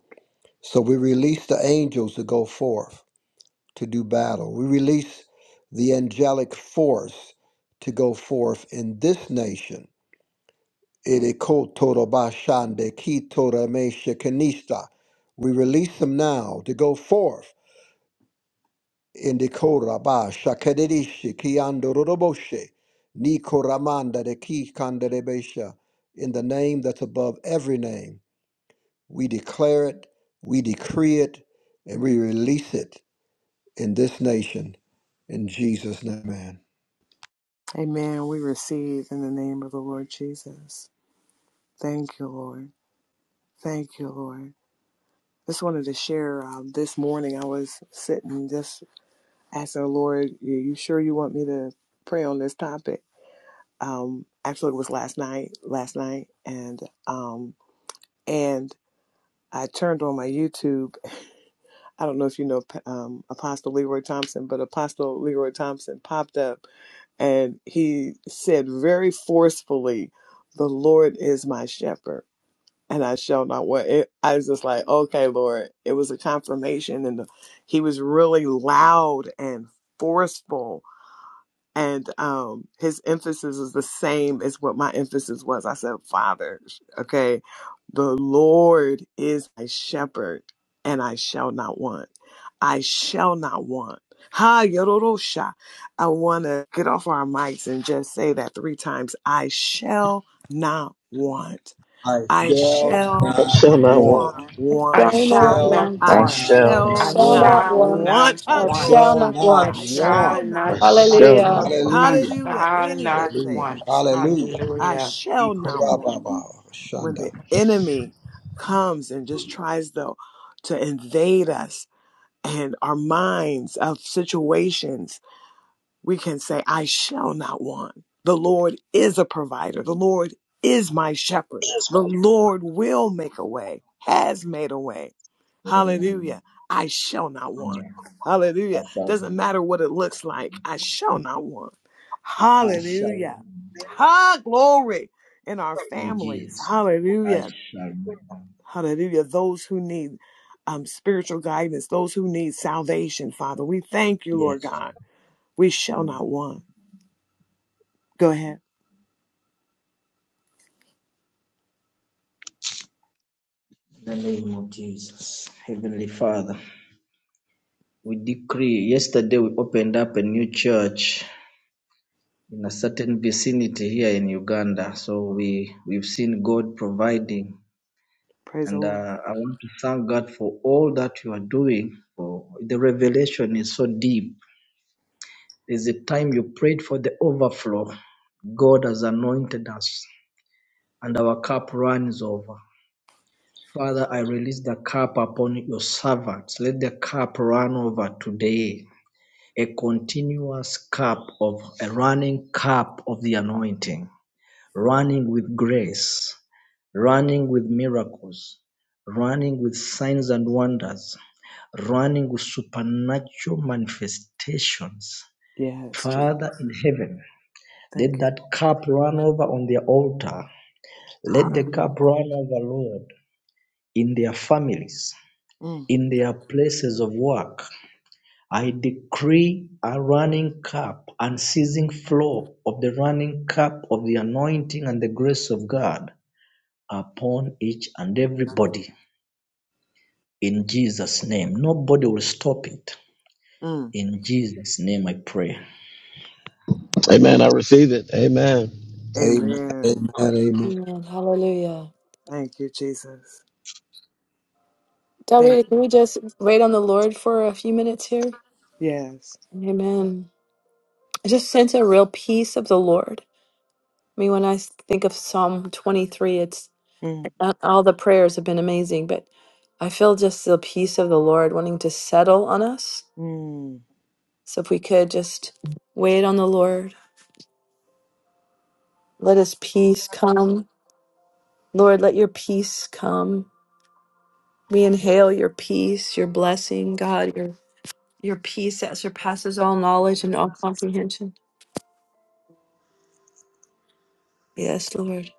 D: So we release the angels to go forth to do battle. We release the angelic force to go forth in this nation Irikotoro bashande kitora meshe kenista. We release them now to go forth. Indikora ba shakadirishi kiando roroboshe. Nikoramanda de ki kandarebesha. In the name that's above every name, we declare it, we decree it, and we release it in this nation. In Jesus' name, man.
A: Amen. We receive in the name of the Lord Jesus. Thank you, Lord. Thank you, Lord. Just wanted to share uh, this morning. I was sitting just I said, Lord, "Are you sure you want me to pray on this topic? Um, actually, it was last night, last night, and um, and I turned on my YouTube. I don't know if you know um, Apostle Leroy Thompson, but Apostle Leroy Thompson popped up, and he said very forcefully, "The Lord is my shepherd." And I shall not want it. I was just like, okay, Lord. It was a confirmation, and the, he was really loud and forceful and um his emphasis is the same as what my emphasis was i said father okay the lord is my shepherd and i shall not want i shall not want ha yororosha i want to get off our mics and just say that three times i shall not want
D: I
A: i
D: shall
A: shall
C: I
D: not
C: shall not want.
A: not
D: want.
B: I
A: want
F: I
D: I
B: shall not
F: shall
D: shall
F: not
B: want.
A: i
C: I
F: want.
D: not
C: shall
B: I
A: shall
F: I
C: not
B: shall
D: want.
A: not
B: not
C: want.
F: shall
B: want.
A: want
F: not
D: I
B: I
F: want.
B: shall
D: shall
A: hatosha
B: not
F: I
D: not
A: i
B: want.
A: shall
F: shall
D: want.
A: not
C: I
F: not
A: want
C: shall
F: want.
B: Hallelujah.
C: not want.
F: I
D: Hallelujah.
A: Hallelujah.
F: shall
A: Any good
F: not
D: Hallelujah.
A: thing
F: want.
D: Hallelujah.
A: I
F: Hallelujah.
A: shall not want
D: Ikorababa,
A: when
D: Shanda.
A: the enemy comes and just tries to, to invade us and our minds of situations we can say, I shall not want. The Lord is a provider. The Lord is my shepherd. The Lord will make a way, has made a way.
G: Amen.
A: Hallelujah. I shall not want.
G: Amen. I
A: Hallelujah.
G: shall.
A: Doesn't matter what it looks like, I shall not want.
G: I shall.
A: Hallelujah. Ha, glory in our
G: In
A: families.
G: Jesus. I
A: Hallelujah.
G: shall.
A: Hallelujah. Those who need um, spiritual guidance, those who need salvation, Father, we thank you, Lord
G: Yes.
A: God. We shall
G: In
A: not want. Go ahead.
G: the name of Jesus. Heavenly Father. We decree, yesterday we opened up a new church in a certain vicinity here in Uganda. So we, we've seen God providing.
A: Praise the
G: And
A: Lord.
G: uh, I want to thank God for all that you are doing. For the revelation is so deep. There's a time you prayed for the overflow. God has anointed us, and our cup runs over. Father, I release the cup upon your servants. Let the cup run over today a continuous cup of a running cup of the anointing, running with grace, running with miracles, running with signs and wonders, running with supernatural manifestations.
A: Yes, Jesus.
G: Father in heaven, let
A: Thank you.
G: that cup run over on their altar. Let the
A: Hallelujah.
G: cup run over, Lord, in their families,
A: Mm,
G: in their places of work, I decree a running cup, unceasing flow of the running cup of the anointing and the grace of God upon each and everybody in Jesus' name. Nobody will stop it.
A: mm.
G: In Jesus' name I pray.
C: Amen. I receive it. Amen.
D: Amen.
A: Amen.
D: Amen. Amen.
B: Amen. Hallelujah.
A: Thank you, Jesus.
B: Del
A: Thank
B: Rita, can we just wait on the Lord for a few minutes here?
A: you. Yes.
B: Amen. I just sense a real peace of the Lord. I mean, when I think of Psalm 23, it's
A: Mm.
B: not all the prayers have been amazing, but I feel just the peace of the Lord wanting to settle on us.
A: Mm.
B: So if we could just wait on the Lord, let his peace come. Lord, let your peace come. We inhale your peace, your blessing, God, your your peace that surpasses all knowledge and all comprehension. Yes, Lord.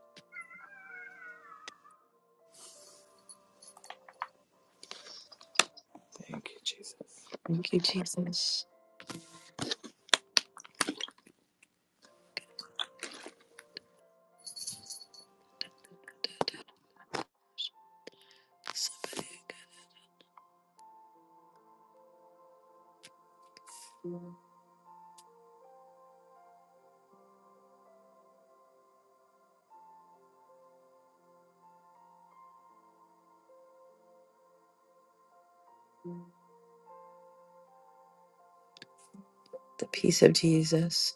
A: Thank you, Jesus.
B: Thank you, Jesus. The peace of Jesus.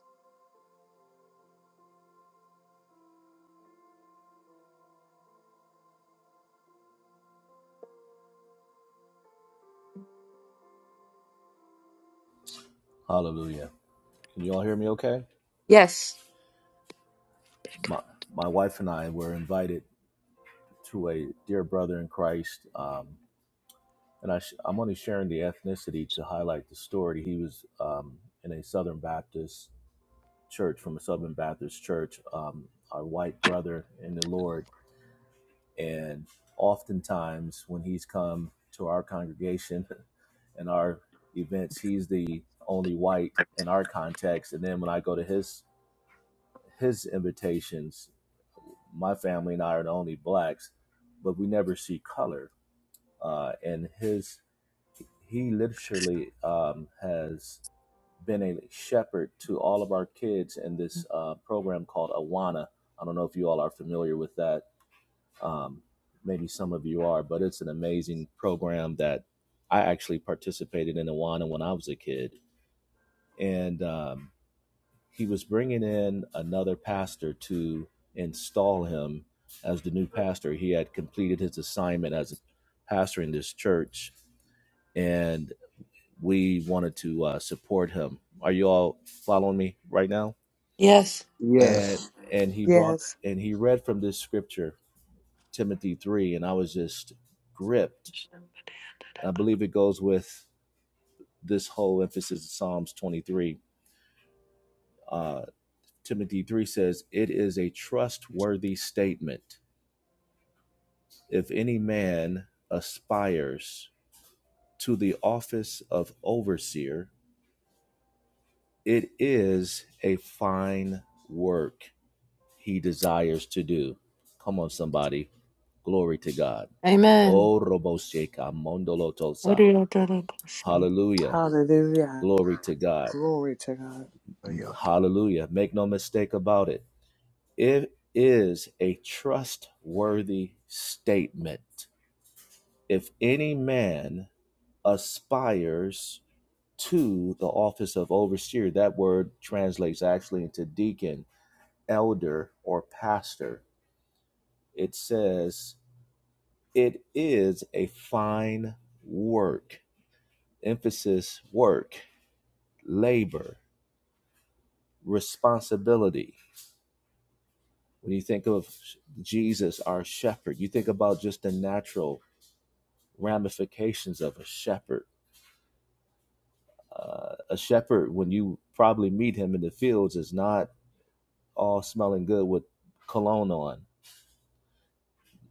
E: Hallelujah. Can you all hear me okay?
B: Yes.
E: My, my wife and I were invited to a dear brother in Christ. Um, and I sh- I'm only sharing the ethnicity to highlight the story. He was um, in a Southern Baptist church from a Southern Baptist church. Um, our white brother in the Lord. And oftentimes, when he's come to our congregation and our events, he's the only white in our context. And then when I go to his his invitations, my family and I are the only blacks, but we never see color. Uh, and his he literally um, has been a shepherd to all of our kids in this uh, program called Awana. I don't know if you all are familiar with that um, maybe some of you are, but it's an amazing program that I actually participated in Awana when I was a kid. And um, he was bringing in another pastor to install him as the new pastor. He had completed his assignment as a pastor in this church, and we wanted to uh, support him. Are you all following me right now?
B: Yes.
E: And
D: Yes.
E: and he brought
A: Yes.
E: and he read from this scripture, Timothy three, and I was just gripped I believe it goes with this whole emphasis of Psalms 23. Uh, Timothy 3 says, It is a trustworthy statement. If any man aspires to the office of overseer, it is a fine work he desires to do. Come on, somebody. Glory to God.
B: Amen.
E: Oh, Robosheka Mondolotosa.
B: I'm
E: Hallelujah.
A: Hallelujah.
E: Glory to God.
A: Glory to God.
E: Hallelujah. Make no mistake about it. It is a trustworthy statement. If any man aspires to the office of overseer, that word translates actually into deacon, elder, or pastor. It says, it is a fine work, emphasis work, labor, responsibility. When you think of Jesus, our shepherd, you think about just the natural ramifications of a shepherd. Uh, a shepherd, when you probably meet him in the fields, is not all smelling good with cologne on.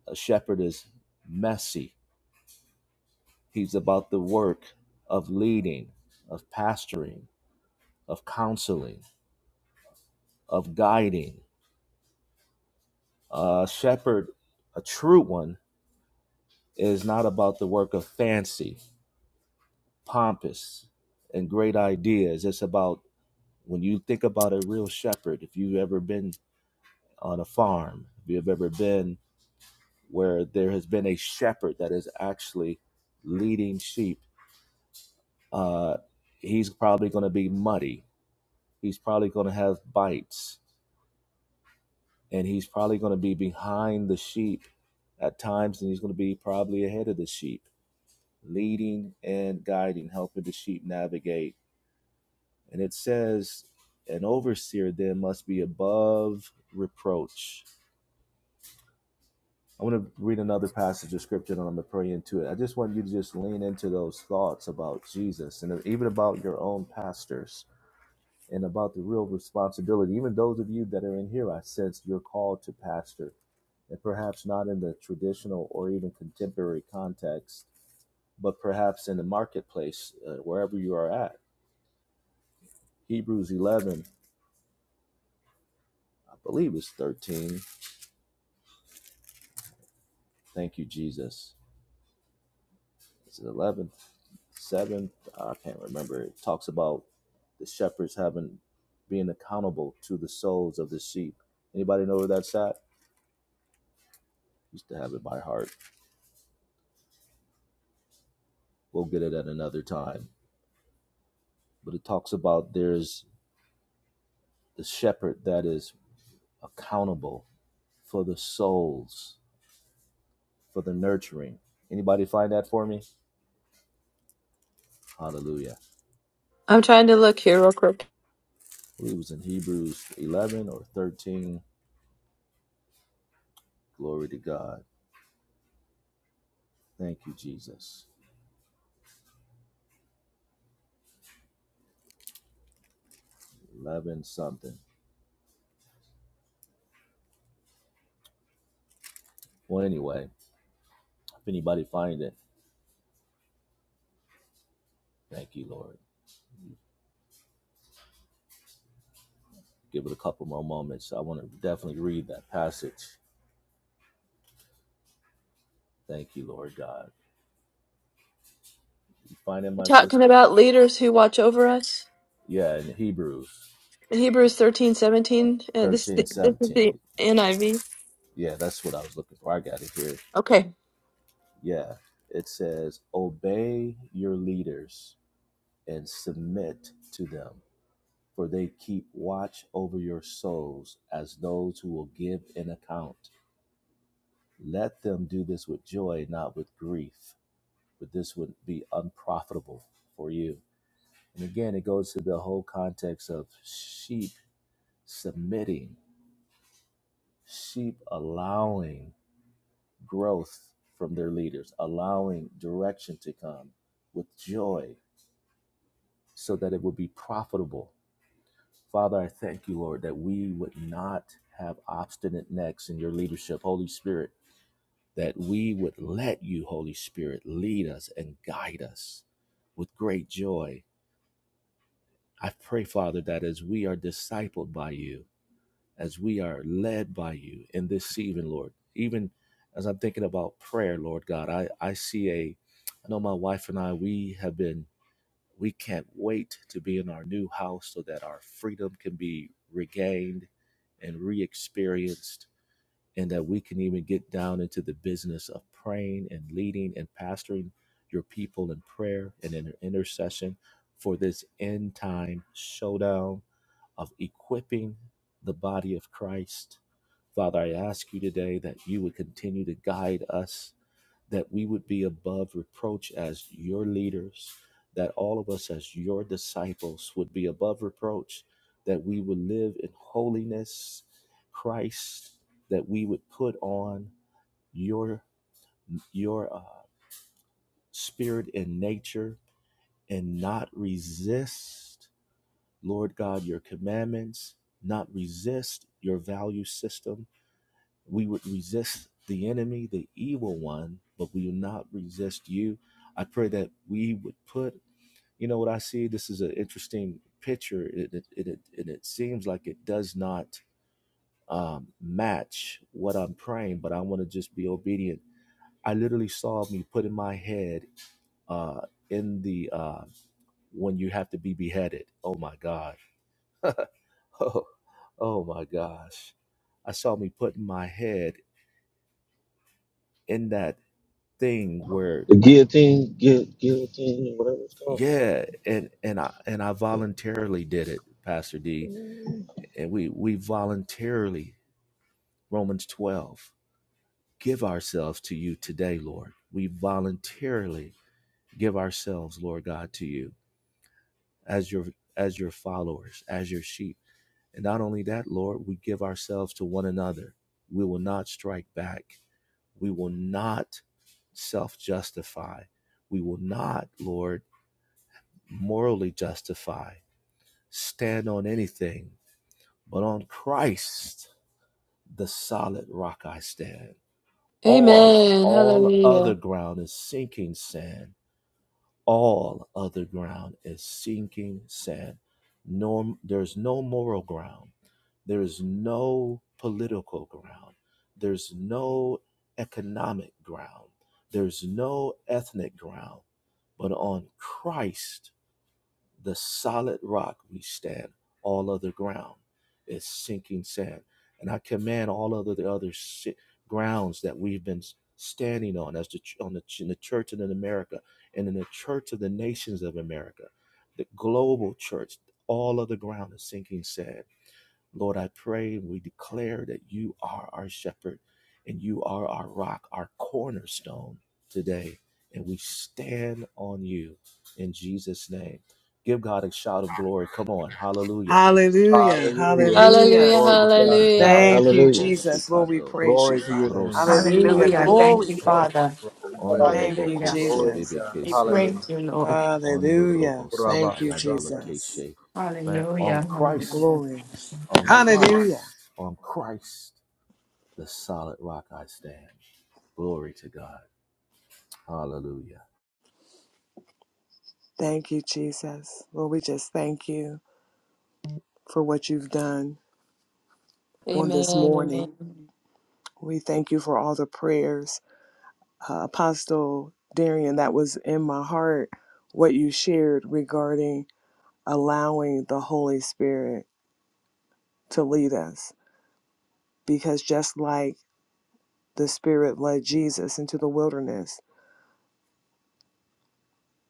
E: A shepherd is messy. He's about the work of leading, of pastoring, of counseling, of guiding. A shepherd, a true one, is not about the work of fancy, pompous, and great ideas. It's about when you think about a real shepherd, if you've ever been on a farm, if you've ever been where there has been a shepherd that is actually leading sheep, uh, he's probably going to be muddy. He's probably going to have bites, and he's probably going to be behind the sheep at times, and he's going to be probably ahead of the sheep, leading and guiding, helping the sheep navigate. And it says, an overseer then must be above reproach I want to read another passage of scripture and I'm going to pray into it. I just want you to just lean into those thoughts about Jesus and even about your own pastors and about the real responsibility. Even those of you that are in here, I sense you're called to pastor and perhaps not in the traditional or even contemporary context, but perhaps in the marketplace, uh, wherever you are at. Hebrews 11, I believe it's 13. Thank you, Jesus. It's 11 seven i can't remember it talks about the shepherds having being accountable to the souls of the sheep anybody know where that's at used to have it by heart we'll get it at another time but it talks about there's the shepherd that is accountable for the souls for the nurturing anybody find that for me hallelujah
B: trying to look here real quick.
E: I believe it was in hebrews 11 or 13 glory to god thank you jesus 11 something well anyway if anybody find it Thank you, Lord. Give it a couple more moments. I want to definitely read that passage. Thank you, Lord God. You find it,
B: We're
E: my
B: talking
E: sister?
B: about leaders who watch over us.
E: Yeah, in Hebrews
B: In Hebrews 13 17. Uh, this,
E: 13
B: this is
E: 17.
B: the NIV.
E: Yeah, that's what I was looking for. I got it here.
B: Okay.
E: Yeah, it says, Obey your leaders and submit to them, for they keep watch over your souls as those who will give an account. Let them do this with joy, not with grief, for this would be unprofitable for you. And again, it goes to the whole context of sheep submitting, sheep allowing growth from their leaders, allowing direction to come with joy so that it would be profitable. Father, I thank you, Lord, that we would not have obstinate necks in your leadership, Holy Spirit, that we would let you, Holy Spirit, lead us and guide us with great joy. I pray, Father, that as we are discipled by you, as we are led by you in this evening, Lord. Even as I'm thinking about prayer, Lord God, I, I see a, I know my wife and I, we have been, we can't wait to be in our new house so that our freedom can be regained and re experienced, and that we can even get down into the business of praying and leading and pastoring your people in prayer and in intercession for this end time showdown of equipping the body of Christ. Father, I ask you today that you would continue to guide us, that we would be above reproach as your leaders, that all of us as your disciples would be above reproach, that we would live in holiness, Christ, that we would put on your your uh, spirit and nature and not resist Lord God, your commandments, not resist your value system. We would resist the enemy, the evil one, but we will not resist you. I pray that we would put, you know what I see? This is an interesting picture, it, it, it, it, it seems like it does not um, match what I'm praying, but I want to just be obedient. I literally saw me putting my head uh, in the, uh, when you have to be beheaded. Oh my God Oh, oh my gosh. I saw me putting my head in that thing where
C: The guillotine, gu- guillotine, whatever it's called.
E: yeah, and and I and I voluntarily did it, Pastor D. And we we voluntarily Romans 12 give ourselves to you today, Lord. We voluntarily give ourselves, Lord God, to you as your as your followers, as your sheep. And not only that, Lord, we give ourselves to one another. We will not strike back We will not self justify. We will not, Lord, morally justify, stand on anything, but on Christ, the solid rock I stand. All
B: Amen.
E: all other
B: Hallelujah.
E: ground is sinking sand. all other ground is sinking sand. No, there's no moral ground. There is no political ground. There's no economic ground. There's no ethnic ground. But on Christ, the solid rock we stand all other ground is sinking sand and i command all other the other si- grounds that we've been standing on as the ch- on the, ch- in the church and in america and in the church of the nations of america the global church all other ground is sinking sand Lord, I pray and we declare that you are our shepherd and you are our rock, our cornerstone today. And we stand on you in Jesus' name. Give God a shout of glory. Come on. Hallelujah.
A: Hallelujah.
D: Hallelujah.
E: Korobobo
A: Hallelujah.
B: Hallelujah.
D: Glory to God.
E: sitidibiki
B: Hallelujah.
A: Thank
D: Hallelujah.
A: you,
C: Hallelujah.
E: tandolobo
A: Jesus. Lord, we
E: shikando
A: praise you,
D: Glory to your
A: Father.
D: name.
E: rose
A: Hallelujah.
F: Hallelujah.
E: mandolo
A: Glory,
F: Thank you,
E: kosha
A: glory.
F: Father.
D: Hallelujah.
A: Thank
E: ondolobo
A: you,
F: Hallelujah.
E: kose
D: Glory
A: Jesus.
D: to
E: bebe
D: God.
F: We
D: Hallelujah.
E: kesete
F: praise you, Lord.
A: Hallelujah.
E: ondorobo
D: Ikorababa,
A: Thank you,
E: sakayandolo
D: Shanda.
A: Jesus.
E: keshe.
D: Thank you, Lord.
E: On
F: Hallelujah.
E: Christ,
F: Hallelujah.
A: Glory.
E: on
D: Mm.
A: Hallelujah.
E: Christ, on Christ. the solid rock I stand. Glory to God. Hallelujah.
A: Thank you, Jesus. Lord, we just thank you for what you've done on this
B: Amen.
A: morning.
B: Amen.
A: We thank you for all the prayers. Uh, Apostle Darian, that was in my heart, what you shared regarding allowing the Holy Spirit to lead us. Because just like the Spirit led Jesus into the wilderness,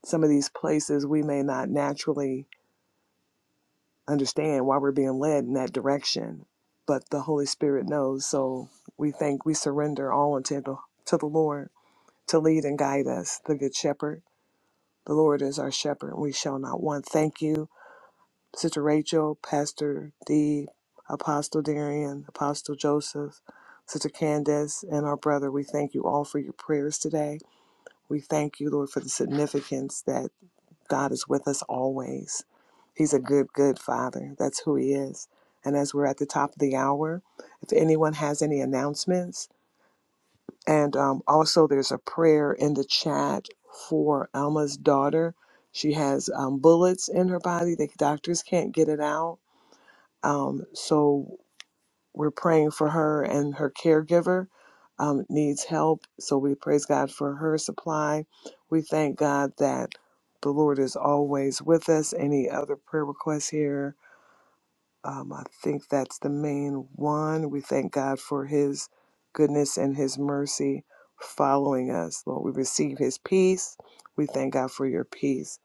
A: some of these places we may not naturally understand why we're being led in that direction, but the Holy Spirit knows. So we think we surrender all unto the, to the Lord to lead and guide us, the Good Shepherd. The Lord is our shepherd, and we shall not want. Thank you, Sister Rachel, Pastor D, Apostle Darian, Apostle Joseph, Sister Candace, and our brother. We thank you all for your prayers today. We thank you, Lord, for the significance that God is with us always. He's a good, good Father. That's who He is. And as we're at the top of the hour, if anyone has any announcements, and um, also there's a prayer in the chat for Alma's daughter. She has um, bullets in her body. The doctors can't get it out. Um, so we're praying for her and her caregiver um, needs help. So we praise God for her supply. We thank God that the Lord is always with us. Any other prayer requests here? Um, I think that's the main one. We thank God for His goodness and His mercy following us. Lord, we receive His peace. We thank God for your peace.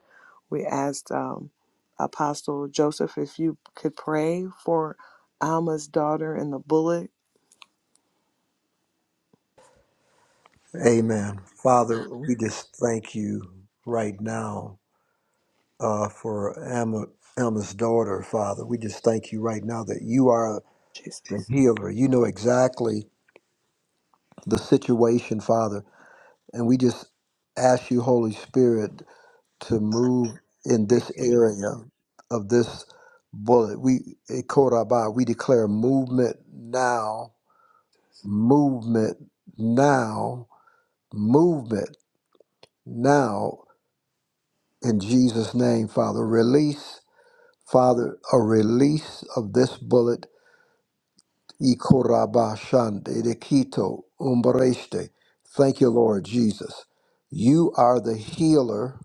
A: We asked um, Apostle Joseph if you could pray for Alma's daughter and the bullet
D: Amen. Father, we just thank you right now. uh, for Emma, Emma's daughter, Father. We just thank you right now that you are the
A: Jesus.
D: healer. You know exactly the situation, Father. And we just ask you, Holy Spirit, to move in
A: Thank
D: this
A: you.
D: area of this bullet. We, eh, Korabah, we declare movement now, movement now, movement now in Jesus' name, Father. Release, Father, a release of this bullet Ikorabashande de Quito, umbreste. Thank you, Lord Jesus. You are the healer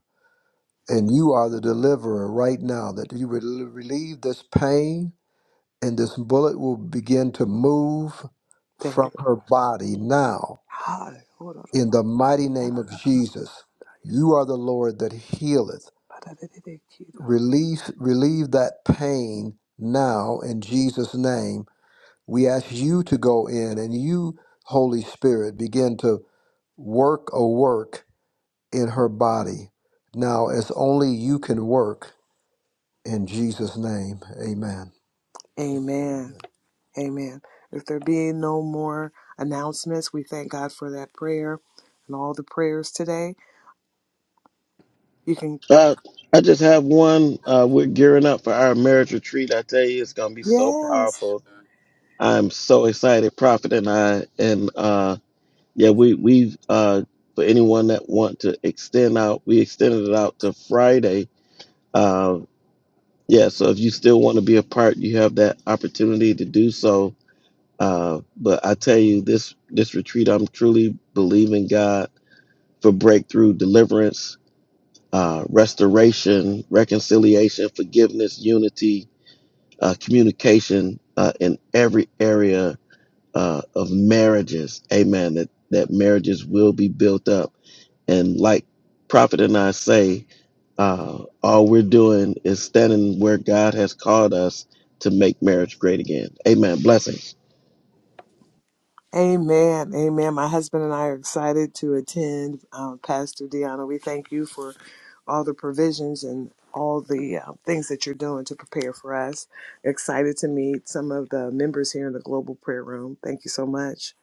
D: and you are the deliverer right now, that you would relieve this pain and this bullet will begin to move
A: Thank
D: from
A: you,
D: her
A: Lord.
D: body now
A: Hallelujah.
D: in the mighty name of Jesus. You are the Lord that healeth. Relieve, relieve that pain now in Jesus' name We ask you to go in and you, Holy Spirit, begin to work a work in her body now as only you can work in Jesus' name. Amen.
A: Amen. Amen. If there be no more announcements, we thank God for that prayer and all the prayers today. You can,
C: Uh, I just have one. Uh, we're gearing up for our marriage retreat. I tell you, it's going to be so
A: yes.
C: powerful. I'm so excited, Prophet and I. And uh, yeah, we we've uh, for anyone that want to extend out, we extended it out to Friday. Uh, Yeah, so if you still want to be a part, you have that opportunity to do so. Uh, but I tell you, this this retreat, I'm truly believing God for breakthrough, deliverance, uh, restoration, reconciliation, forgiveness, unity, uh, communication uh, in every area uh, of marriages. Amen. That that marriages will be built up. And like Prophet and I say, uh, all we're doing is standing where God has called us to make marriage great again. Amen. Blessings.
A: Amen. Amen. My husband and I are excited to attend. Um, Pastor Deanna, we thank you for all the provisions and all the uh, things that you're doing to prepare for us. Excited to meet some of the members here in the Global Prayer Room. Thank you so much.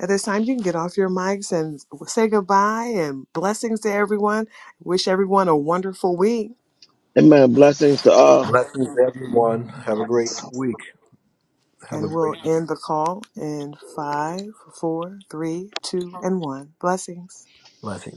A: At this time, you can get off your mics and say goodbye and blessings to everyone. Wish everyone a wonderful week.
C: Amen. Blessings to all.
D: Blessings, everyone. Have a great week. Have a
A: And
D: great
A: we'll
D: week.
A: end the call in five, four, three, two, and one. Blessings.
D: Blessings.